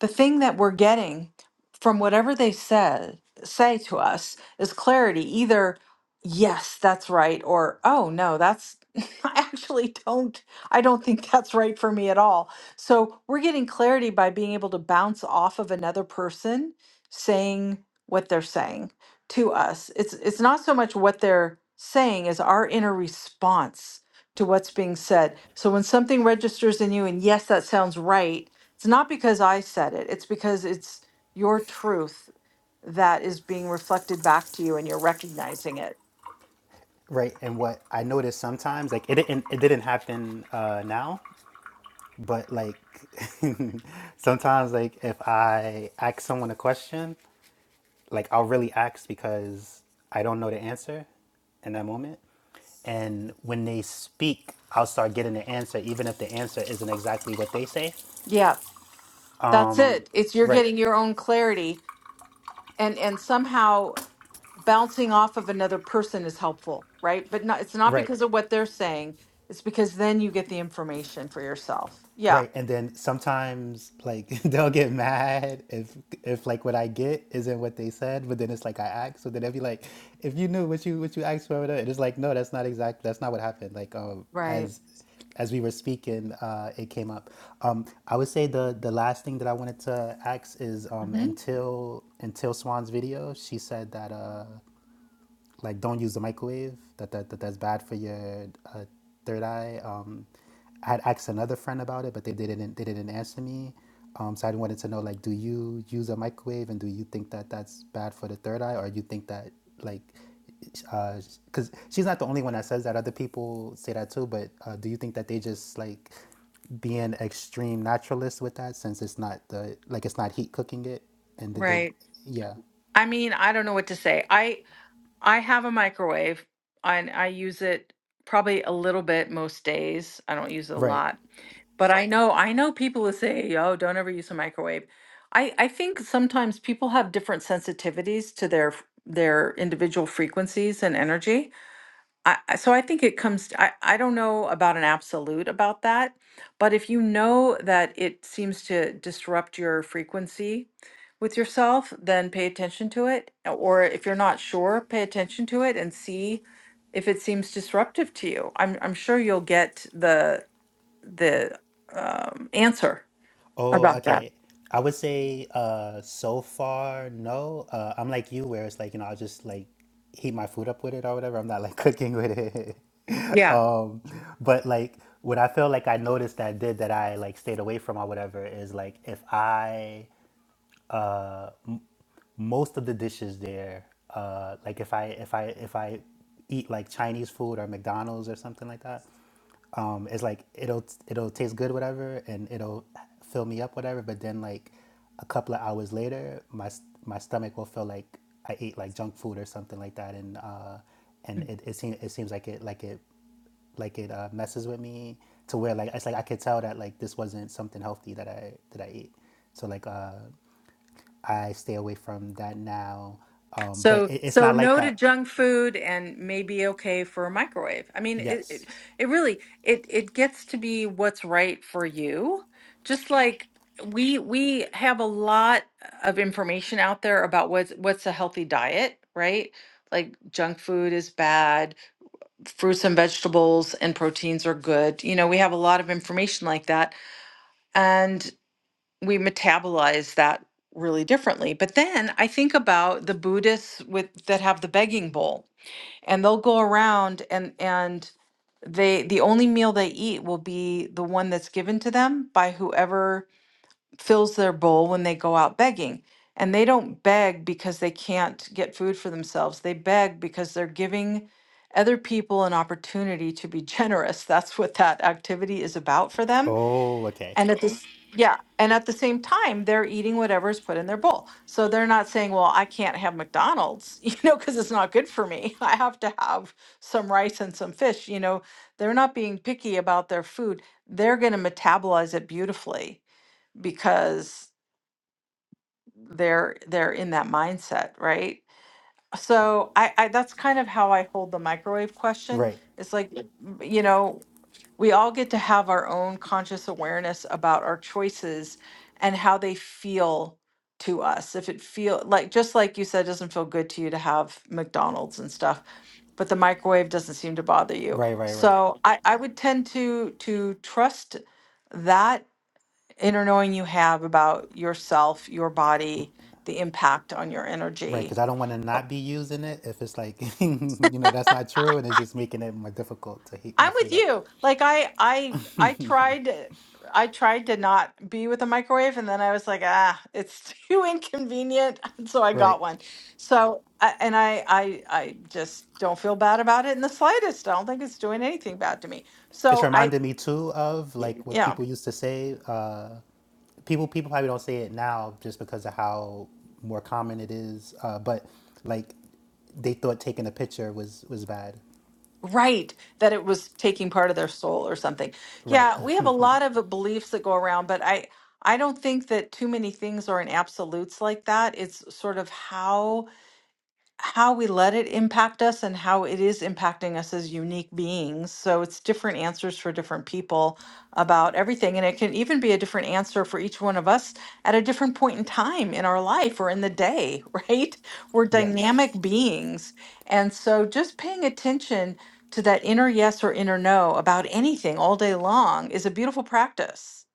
the thing that we're getting from whatever they said say to us is clarity either yes that's right or oh no that's [LAUGHS] i actually don't i don't think that's right for me at all so we're getting clarity by being able to bounce off of another person saying what they're saying to us it's it's not so much what they're saying as our inner response to what's being said so when something registers in you and yes that sounds right it's not because I said it, it's because it's your truth that is being reflected back to you and you're recognizing it.
Right, and what I noticed sometimes, like it didn't it didn't happen uh, now, but like [LAUGHS] sometimes like if I ask someone a question like I'll really ask because I don't know the answer in that moment. And when they speak, I'll start getting the answer, even if the answer isn't exactly what they say.
Yeah, that's it. It's you're
Right,
getting your own clarity and and somehow bouncing off of another person is helpful, right? But not it's not
right.
because of what they're saying. It's because then you get the information for yourself. Yeah.
Right, and then sometimes like [LAUGHS] they'll get mad if if like what I get isn't what they said, but then it's like I asked, so then they'll be like, if you knew what you what you asked for, and it's like no, that's not exact, that's not what happened. Like um,
Right.
as as we were speaking, uh, it came up. Um, I would say the the last thing that I wanted to ask is um,
hmm
until until Swan's video, she said that. Uh, like don't use the microwave that, that, that that's bad for your uh, third eye um i had asked another friend about it but they, didn't they didn't answer me um so i wanted to know like do you use a microwave and do you think that that's bad for the third eye or you think that like because she's not the only one that says that other people say that too but uh, do you think that they just like being extreme naturalists with that since it's not the like it's not heat cooking it and did they
Right.
yeah
I mean, I don't know what to say. I I have a microwave and I use it probably a little bit most days. I don't use it a
right
lot. But I know I know people who say, "Oh, don't ever use a microwave." I I think sometimes people have different sensitivities to their f- their individual frequencies and energy I, I- so I think it comes, t- I, I don't know about an absolute about that, but if you know that it seems to disrupt your frequency with yourself, then pay attention to it. uh, Or if you're not sure, pay attention to it and see if it seems disruptive to you. I'm, I'm sure you'll get the, the um, answer
Oh,
about that.
okay. I would say uh so far no. Uh I'm like you where it's like, you know, I'll just like heat my food up with it or whatever. I'm not like [LAUGHS] cooking with it. [LAUGHS]
Yeah.
Um but like what I feel like I noticed that I did that I like stayed away from or whatever is like if I uh most of the dishes there uh like if i if i if i eat like chinese food or mcdonald's or something like that um it's like it'll it'll taste good whatever and it'll fill me up whatever but then like a couple of hours later my s- my stomach will feel like i ate like junk food or something like that and uh and it, it seems it seems like it like it like it uh, messes with me to where like it's like I could tell that like this wasn't something healthy that I that I ate. So like uh I stay away from that now. Um, but
So
it, it's
so
not like
no to
that.
junk food and maybe okay for a microwave. I mean it it,
Yes.
it really it it gets to be what's right for you. Just like we we have a lot of information out there about what's what's a healthy diet, right? Like junk food is bad, fruits and vegetables and proteins are good. You know, we have a lot of information like that we metabolize that really differently. But then I think about the Buddhists with that have the begging bowl and they'll go around and and they the only meal they eat will be the one that's given to them by whoever fills their bowl when they go out begging. And they don't beg because they can't get food for themselves. They beg because they're giving other people an opportunity to be generous. [LAUGHS] That's what that activity is about for them
Oh, okay.
and at this, yeah, and at the same time, they're eating whatever's put in their bowl. So they're not saying, well, I can't have McDonald's, [LAUGHS] you know, because it's not good for me. I have to have some rice and some fish, you know. They're not being picky about their food. They're going to metabolize it beautifully because they're they're in that mindset, right? So I, I that's kind of how I hold the microwave question.
Right.
It's like, Yeah. m- you know, we all get to have our own conscious awareness about our choices and how they feel to us. If it feel like just like you said, doesn't feel good to you to have McDonald's and stuff, but the microwave doesn't seem to bother you.
Right. Right. Right.
So I, I would tend to to trust that inner knowing you have about yourself, your body, the impact on your
Right.
energy
Because I don't want to not be using it if it's like, [LAUGHS] you know, that's not true, and it's just making it more difficult to heat my
I'm with
food up.
you. Like I I I tried I tried to not be with a microwave and then I was like, ah, it's [LAUGHS] too inconvenient, [LAUGHS] so I
Right.
got one. So I- and I I I just don't feel bad about it in the slightest. I don't think it's doing anything bad to me.
It's
So I
reminded me too of
y-
like what
yeah,
people used to say. Uh, people people probably don't say it now just because of how more common it is. Uh, but like they thought taking a picture was was bad.
right, that it was taking part of their soul or something.
Right.
Yeah, we have a lot of uh, beliefs that go around, but I I don't think that too many things are in absolutes like that. It's sort of how how we let it impact us and how it is impacting us as unique beings. So it's different answers for different people about everything. And it can even be a different answer for each one of us at a different point in time in our life or in the day, [LAUGHS] right? We're
[LAUGHS] yes.
dynamic beings. And so just paying attention to that inner yes or inner no about anything all day long is a beautiful practice.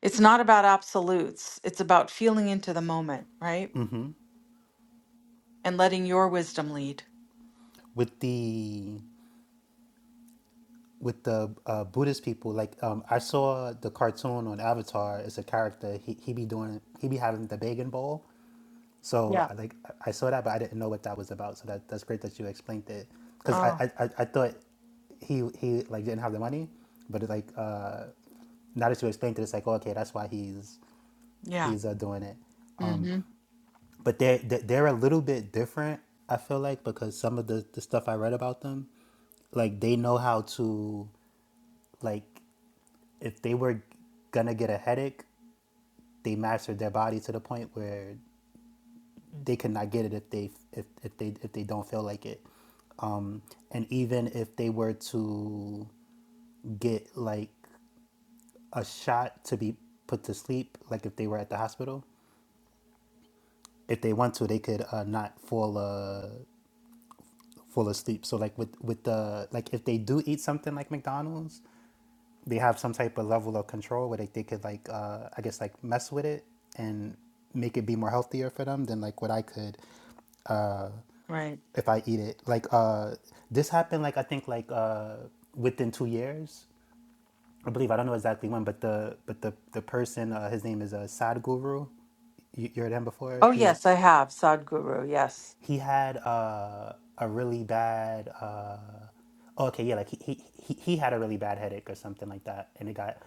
It's not about absolutes, it's about feeling into the moment, right?
Mm-hmm.
And letting your wisdom lead.
with the with the uh, Buddhist people. Like um, I saw the cartoon on Avatar. It's a character. He he be doing he be having the begging Bowl. So
Yeah.
I like I saw that, but I didn't know what that was about. So that that's great that you explained it because I,
Oh.
I I I thought he he like didn't have the money, but it, like uh, now that you explained it, it's like okay, that's why he's
Yeah.
he's uh, doing it. Um,
hmm
but they're they're they're a little bit different. I feel like because some of the the stuff I read about them, like they know how to, like if they were gonna get a headache, they mastered their body to the point where they could not get it if they if, if they if they don't feel like it. Um, and even if they were to get like a shot to be put to sleep, like if they were at the hospital. If they want to, they could uh, not fall. Uh, full asleep. So like with with the like if they do eat something like McDonald's, they have some type of level of control where they, they could like uh, I guess like mess with it and make it be more healthier for them than like what I could
Right.
if I eat it. Like uh, this happened like I think like uh, within two years. I believe I don't know exactly when, but the but the the person uh, his name is uh, Sadhguru you, you heard him before.
Oh,
He
yes, I have Sadhguru. Yes,
he had uh, a really bad uh, oh, okay yeah like he, he he he had a really bad headache or something like that and it got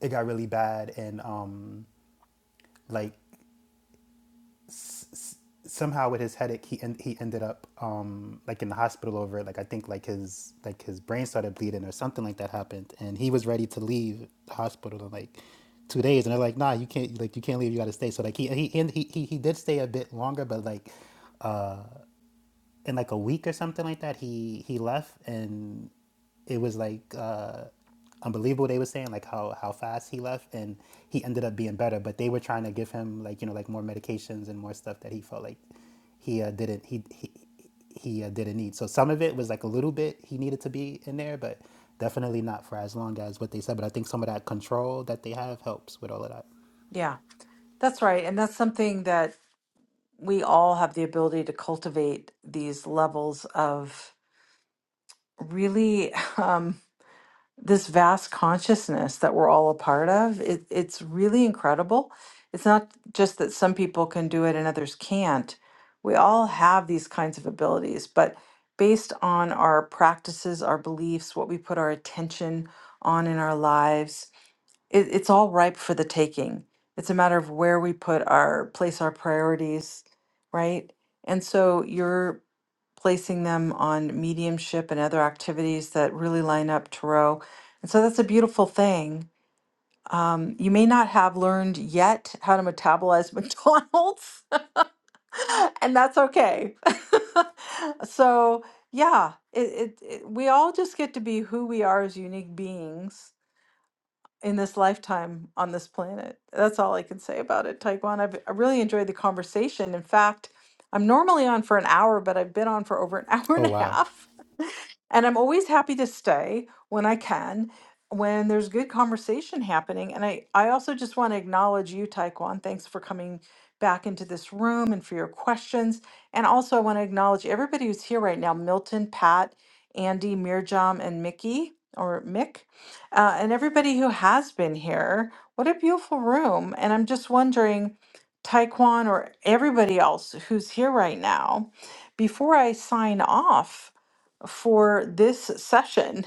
it got really bad and um like s- s- somehow with his headache he en- he ended up um like in the hospital over it like I think like his like his brain started bleeding or something like that happened and he was ready to leave the hospital in like two days and they're like nah you can't like you can't leave you got to stay so like he he and he he he did stay a bit longer but like in like a week or something like that, he he left, and it was like uh, unbelievable. They were saying like how how fast he left, and he ended up being better. But they were trying to give him like you know like more medications and more stuff that he felt like he uh, didn't he he he uh, didn't need. So some of it was like a little bit he needed to be in there, but definitely not for as long as what they said. But I think some of that control that they have helps with all of that.
Yeah. That's right. And that's something that we all have the ability to cultivate these levels of really [LAUGHS] um, this vast consciousness that we're all a part of. It, it's really incredible. It's not just that some people can do it and others can't. We all have these kinds of abilities, but based on our practices, our beliefs, what we put our attention on in our lives, it, it's all ripe for the taking. It's a matter of where we put our place our priorities, right? And so you're placing them on mediumship and other activities that really line up tarot. And so that's a beautiful thing. Um, you may not have learned yet how to metabolize [LAUGHS] McDonald's, [LAUGHS] and that's okay. [LAUGHS] so yeah, it, it, it, we all just get to be who we are as unique beings in this lifetime on this planet. That's all I can say about it, Taekwon. I've, I really enjoyed the conversation. In fact, I'm normally on for an hour, but I've been on for over an [LAUGHS] hour and
Oh
a
wow,
half. And I'm always happy to stay when I can, when there's good conversation happening. And I, I also just want to acknowledge you, Taekwon. Thanks for coming back into this room and for your questions. And also, I want to acknowledge everybody who's here right now Milton, Pat, Andy, Mirjam, and Mickey or Mick, uh, and everybody who has been here. What a beautiful room. And I'm just wondering, Taekwon, or everybody else who's here right now, before I sign off, for this session.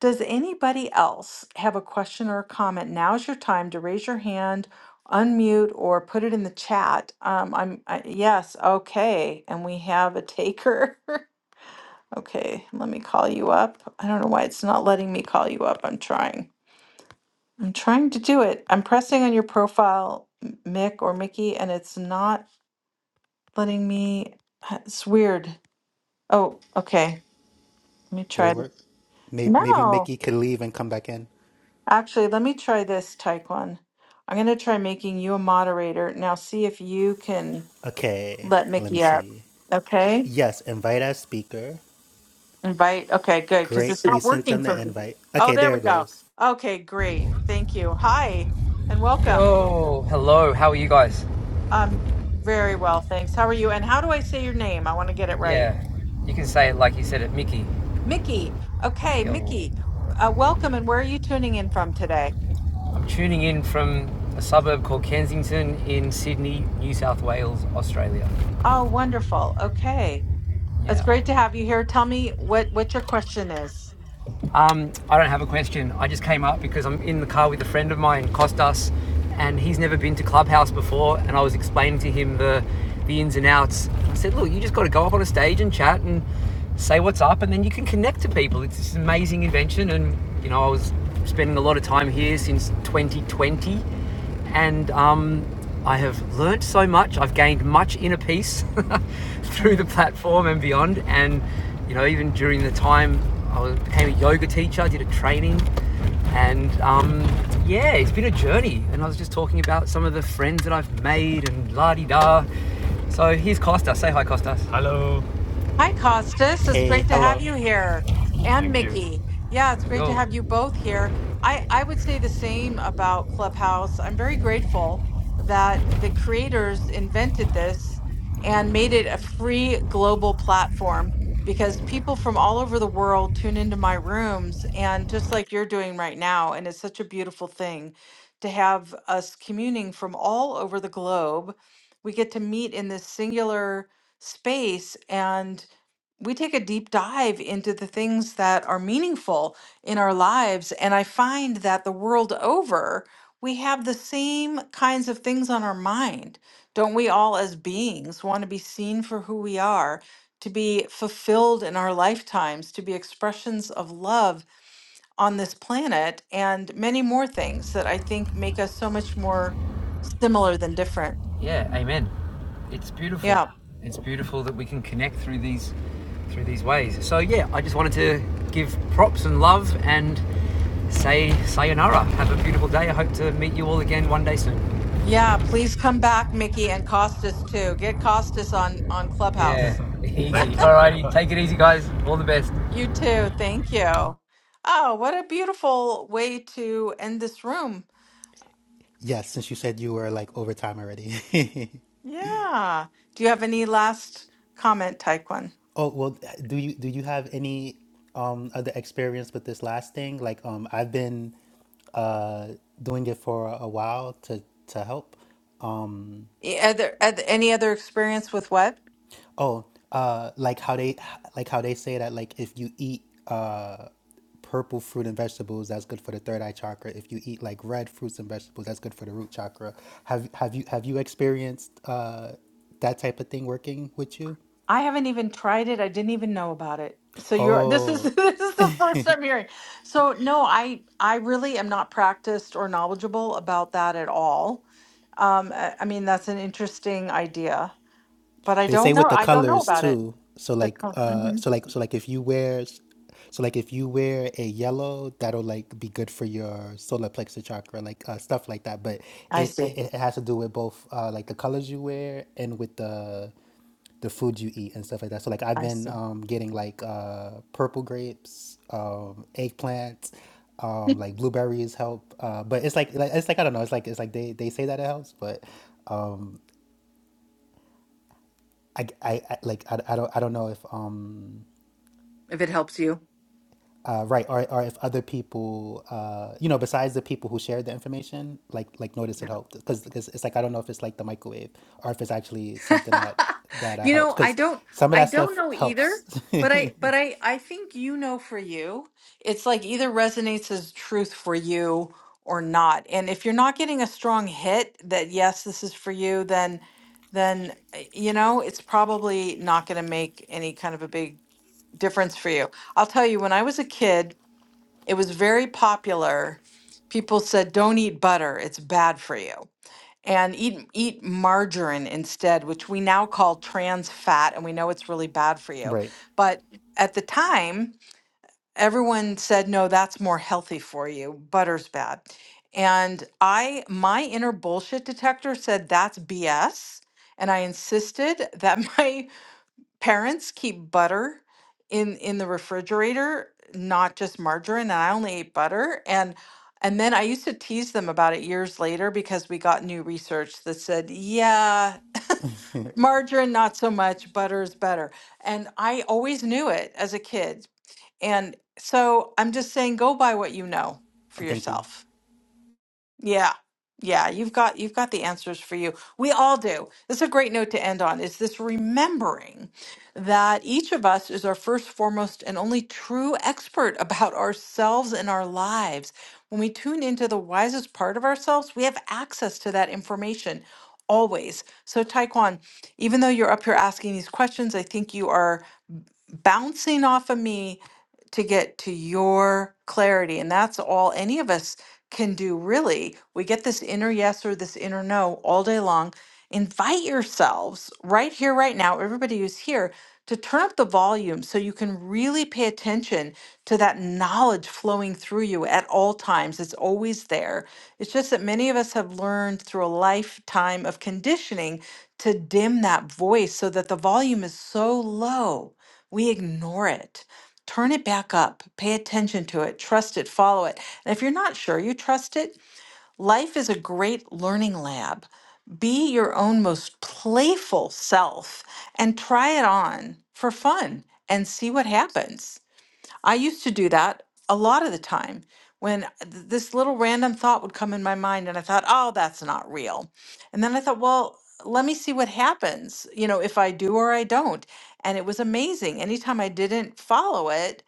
Does anybody else have a question or a comment? Now is your time to raise your hand, unmute, or put it in the chat. Um, I'm I, yes, okay, and we have a taker. [LAUGHS] okay, let me call you up. I don't know why it's not letting me call you up. I'm trying. I'm trying to do it. I'm pressing on your profile, M- Mick or Mickey, and it's not letting me. It's weird. Oh, okay. Let me
did
try.
it
it.
work? Maybe, maybe
No.
Mickey could leave and come back in.
Actually, let me try this, Taekwon. I'm going to try making you a moderator. Now, see if you can
Okay,
let
let me
Mickey up.
see.
Okay?
Yes, invite as speaker.
Invite. Okay, good. Because
Great,
it's
we
not
sent
working
them the
for me.
invite.
Oh,
Okay,
there
there
we
it
go.
goes.
Okay, great. Thank you. Hi, and welcome.
Yo, hello, how are you guys?
Um, very well, thanks. How are you? And how do I say your name? I want to get it right.
Yeah, you can say it like you said it, Mickey.
Mickey. Okay,
Yo,
Mickey. Uh, welcome. And where are you tuning in from today?
I'm tuning in from a suburb called Kensington in Sydney, New South Wales, Australia.
Oh, wonderful. Okay. It's
Yeah,
great to have you here. Tell me what what your question is.
Um, I don't have a question. I just came up because I'm in the car with a friend of mine, Costas, and he's never been to Clubhouse before. And I was explaining to him the the ins and outs. I said, "Look, you just got to go up on a stage and chat and say what's up, and then you can connect to people. It's this amazing invention." And you know, I was spending a lot of time here since 2020 and um, I have learnt so much. I've gained much inner peace [LAUGHS] through the platform and beyond. And you know, even during the time I was, became a yoga teacher, I did a training, and um, yeah, it's been a journey. And I was just talking about some of the friends that I've made and la di da. So here's Costa. Say hi, Costa. Hello.
Hi, Costas. It's
Hey,
great to have
hello.
you here. And
Thank you.
Mickey. Yeah, it's great to
Yo.
have you both here. I, I would say the same about Clubhouse. I'm very grateful that the creators invented this and made it a free global platform because people from all over the world tune into my rooms and just like you're doing right now. And it's such a beautiful thing to have us communing from all over the globe. We get to meet in this singular space and we take a deep dive into the things that are meaningful in our lives. And I find that the world over, we have the same kinds of things on our mind. Don't we all, as beings, want to be seen for who we are, to be fulfilled in our lifetimes, to be expressions of love on this planet, and many more things that I think make us so much more similar than different?
Yeah, amen. It's
Yeah.
beautiful. It's beautiful that we can connect through these through these ways. So yeah, I just wanted to give props and love and say sayonara. Have a beautiful day. I hope to meet you all again one day soon.
Yeah, please come back, Mickey, and Costas too. Get Costas on on
Yeah,
Clubhouse.
[LAUGHS] easy. All righty, take it easy guys. All the best.
You too. Thank you. Oh, what a beautiful way to end this room.
Yes, since you said you were like over time already. [LAUGHS]
Yeah. Do you have any last comment, Taekwon?
oh well, do you do you have any um other experience with this last thing? Like um, I've been uh doing it for a while to to help. Um,
E- Other, oth- any other experience with what?
Oh, uh, like how they like how they say that like if you eat uh purple fruit and vegetables, that's good for the third eye chakra. If you eat like red fruits and vegetables, that's good for the root chakra. Have have you have you experienced uh that type of thing working with you?
I haven't even tried it. I didn't even know about it. So you're this is [LAUGHS]
Oh,
this is the first I'm hearing. So no, I I really am not practiced or knowledgeable about that at all. Um, I, I mean that's an interesting idea, but I
They say
don't know.
with the
I don't know
colors
about it.
too. So like
Oh, mhm.
uh so like so like if you wear so like if you wear a yellow, that'll like be good for your solar plexus chakra, like uh, stuff like that. But
I
it, it,
see.
it has to do with both uh like the colors you wear and with the the food you eat and stuff like that. So like I've been um getting like uh purple grapes, um eggplant, um like blueberries help. Uh but it's like like- it's like I don't know, it's like it's like they they say that it helps, but I, I, I- like I, I don't I don't know if um
If it helps you.
uh, right or or if other people uh you know besides the people who shared the information like like notice it helped because because it's like I don't know if it's like the microwave or if it's actually something that
[LAUGHS]
that uh,
you
helps
know, I
because
don't
some of
I
that
don't
stuff
know either,
helps
but I but
[LAUGHS]
I I think you know for you, it's like either resonates as truth for you or not. And if you're not getting a strong hit that yes, this is for you, then then uh, you know, it's probably not going to make any kind of a big difference for you. I'll tell you when I was a kid, it was very popular. People said don't eat butter, it's bad for you and eat eat margarine instead, which we now call trans fat, and we know it's really bad for you.
right
But at the time, everyone said, "No, that's more healthy for you. Butter's bad." And I, my inner bullshit detector said that's BS, and I insisted [LAUGHS] that my parents keep butter in in the refrigerator not just margarine and i only ate butter and and then i used to tease them about it years later because we got new research that said yeah margarine not so much butter is better and i always knew it as a kid and so i'm just saying go by what you know for
thank you
yourself yeah. Yeah, you've got you've got the answers for you. We all do. This is a great note to end on is this remembering that each of us is our first, foremost, and only true expert [LAUGHS] about ourselves and our lives. When we tune into the wisest part of ourselves, we have access to that information always. So Taekwon, even though you're up here asking these questions, I think you are bouncing off of me to get to your clarity. And that's all any of us can do, really. We get this inner yes or this inner no all day long. Invite yourselves right here, right now, everybody who's here, to turn up the volume so you can really pay attention to that knowledge flowing through you at all times. It's always there. It's just that many of us have learned through a lifetime of conditioning to dim that voice so that the volume is so low we ignore it. Turn it back up. Pay attention to it. Trust it. Follow it. And if you're not sure you trust it, life is a great learning lab. Be your own most playful self and try it on for fun and see what happens. I used to do that a lot of the time when uh, th- this little random thought would come in my mind and I thought, oh, that's not real. And then I thought, well, let me see what happens, you know, if I do or I don't. And it was amazing. Anytime I didn't follow it,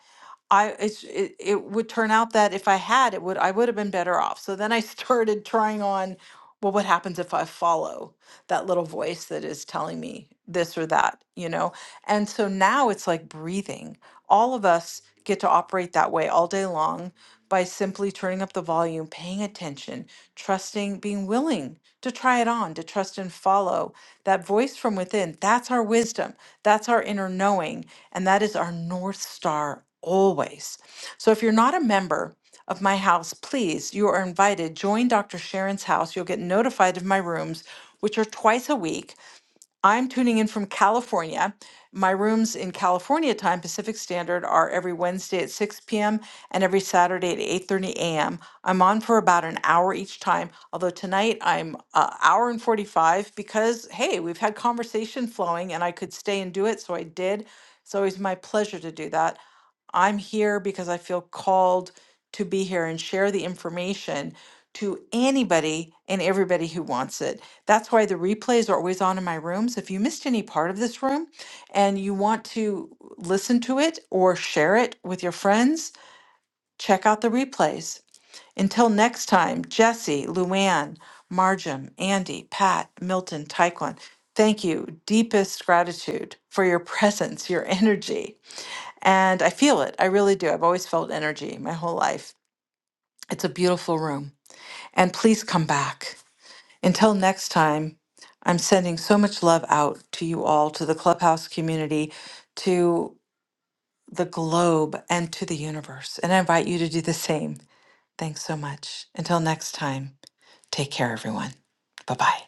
I it's it, it would turn out that if I had it would I would have been better off. So then I [LAUGHS] started trying on well what happens if I follow that little voice that is telling me this or that, you know? And so now it's like breathing. All of us get to operate that way all day long by simply turning up the volume, paying attention, trusting, being willing to try it on, to trust and follow that voice from within. That's our wisdom. That's our inner knowing and that is our North Star always. So if you're not a member of my house, please, you are invited. Join Dr. Sharon's house. You'll get notified of my rooms, which are twice a week. I'm tuning in from California. My rooms in California time, Pacific Standard, are every Wednesday at 6 p.m. and every Saturday at 8:30 a.m. I'm on for about an hour each time. Although tonight I'm an hour and 45 because hey, we've had conversation flowing and I could stay and do it, so I did. It's always my pleasure to do that. I'm here because I feel called to be here and share the information to anybody and everybody who wants it. That's why the replays are always on in my rooms. If you missed any part of this room and you want to listen to it or share it with your friends, check out the replays. Until next time, Jesse, Luann, Marjam, Andy, Pat, Milton, Taekwon, thank you. Deepest gratitude for your [LAUGHS] presence, your energy and I feel it. I really do. I've always felt energy my whole life. It's a beautiful room. And please come back. Until next time, I'm sending so much love out to you all, to the Clubhouse community, to the globe, and to the universe. And I invite you to do the same. Thanks so much. Until next time, take care, everyone. Bye bye.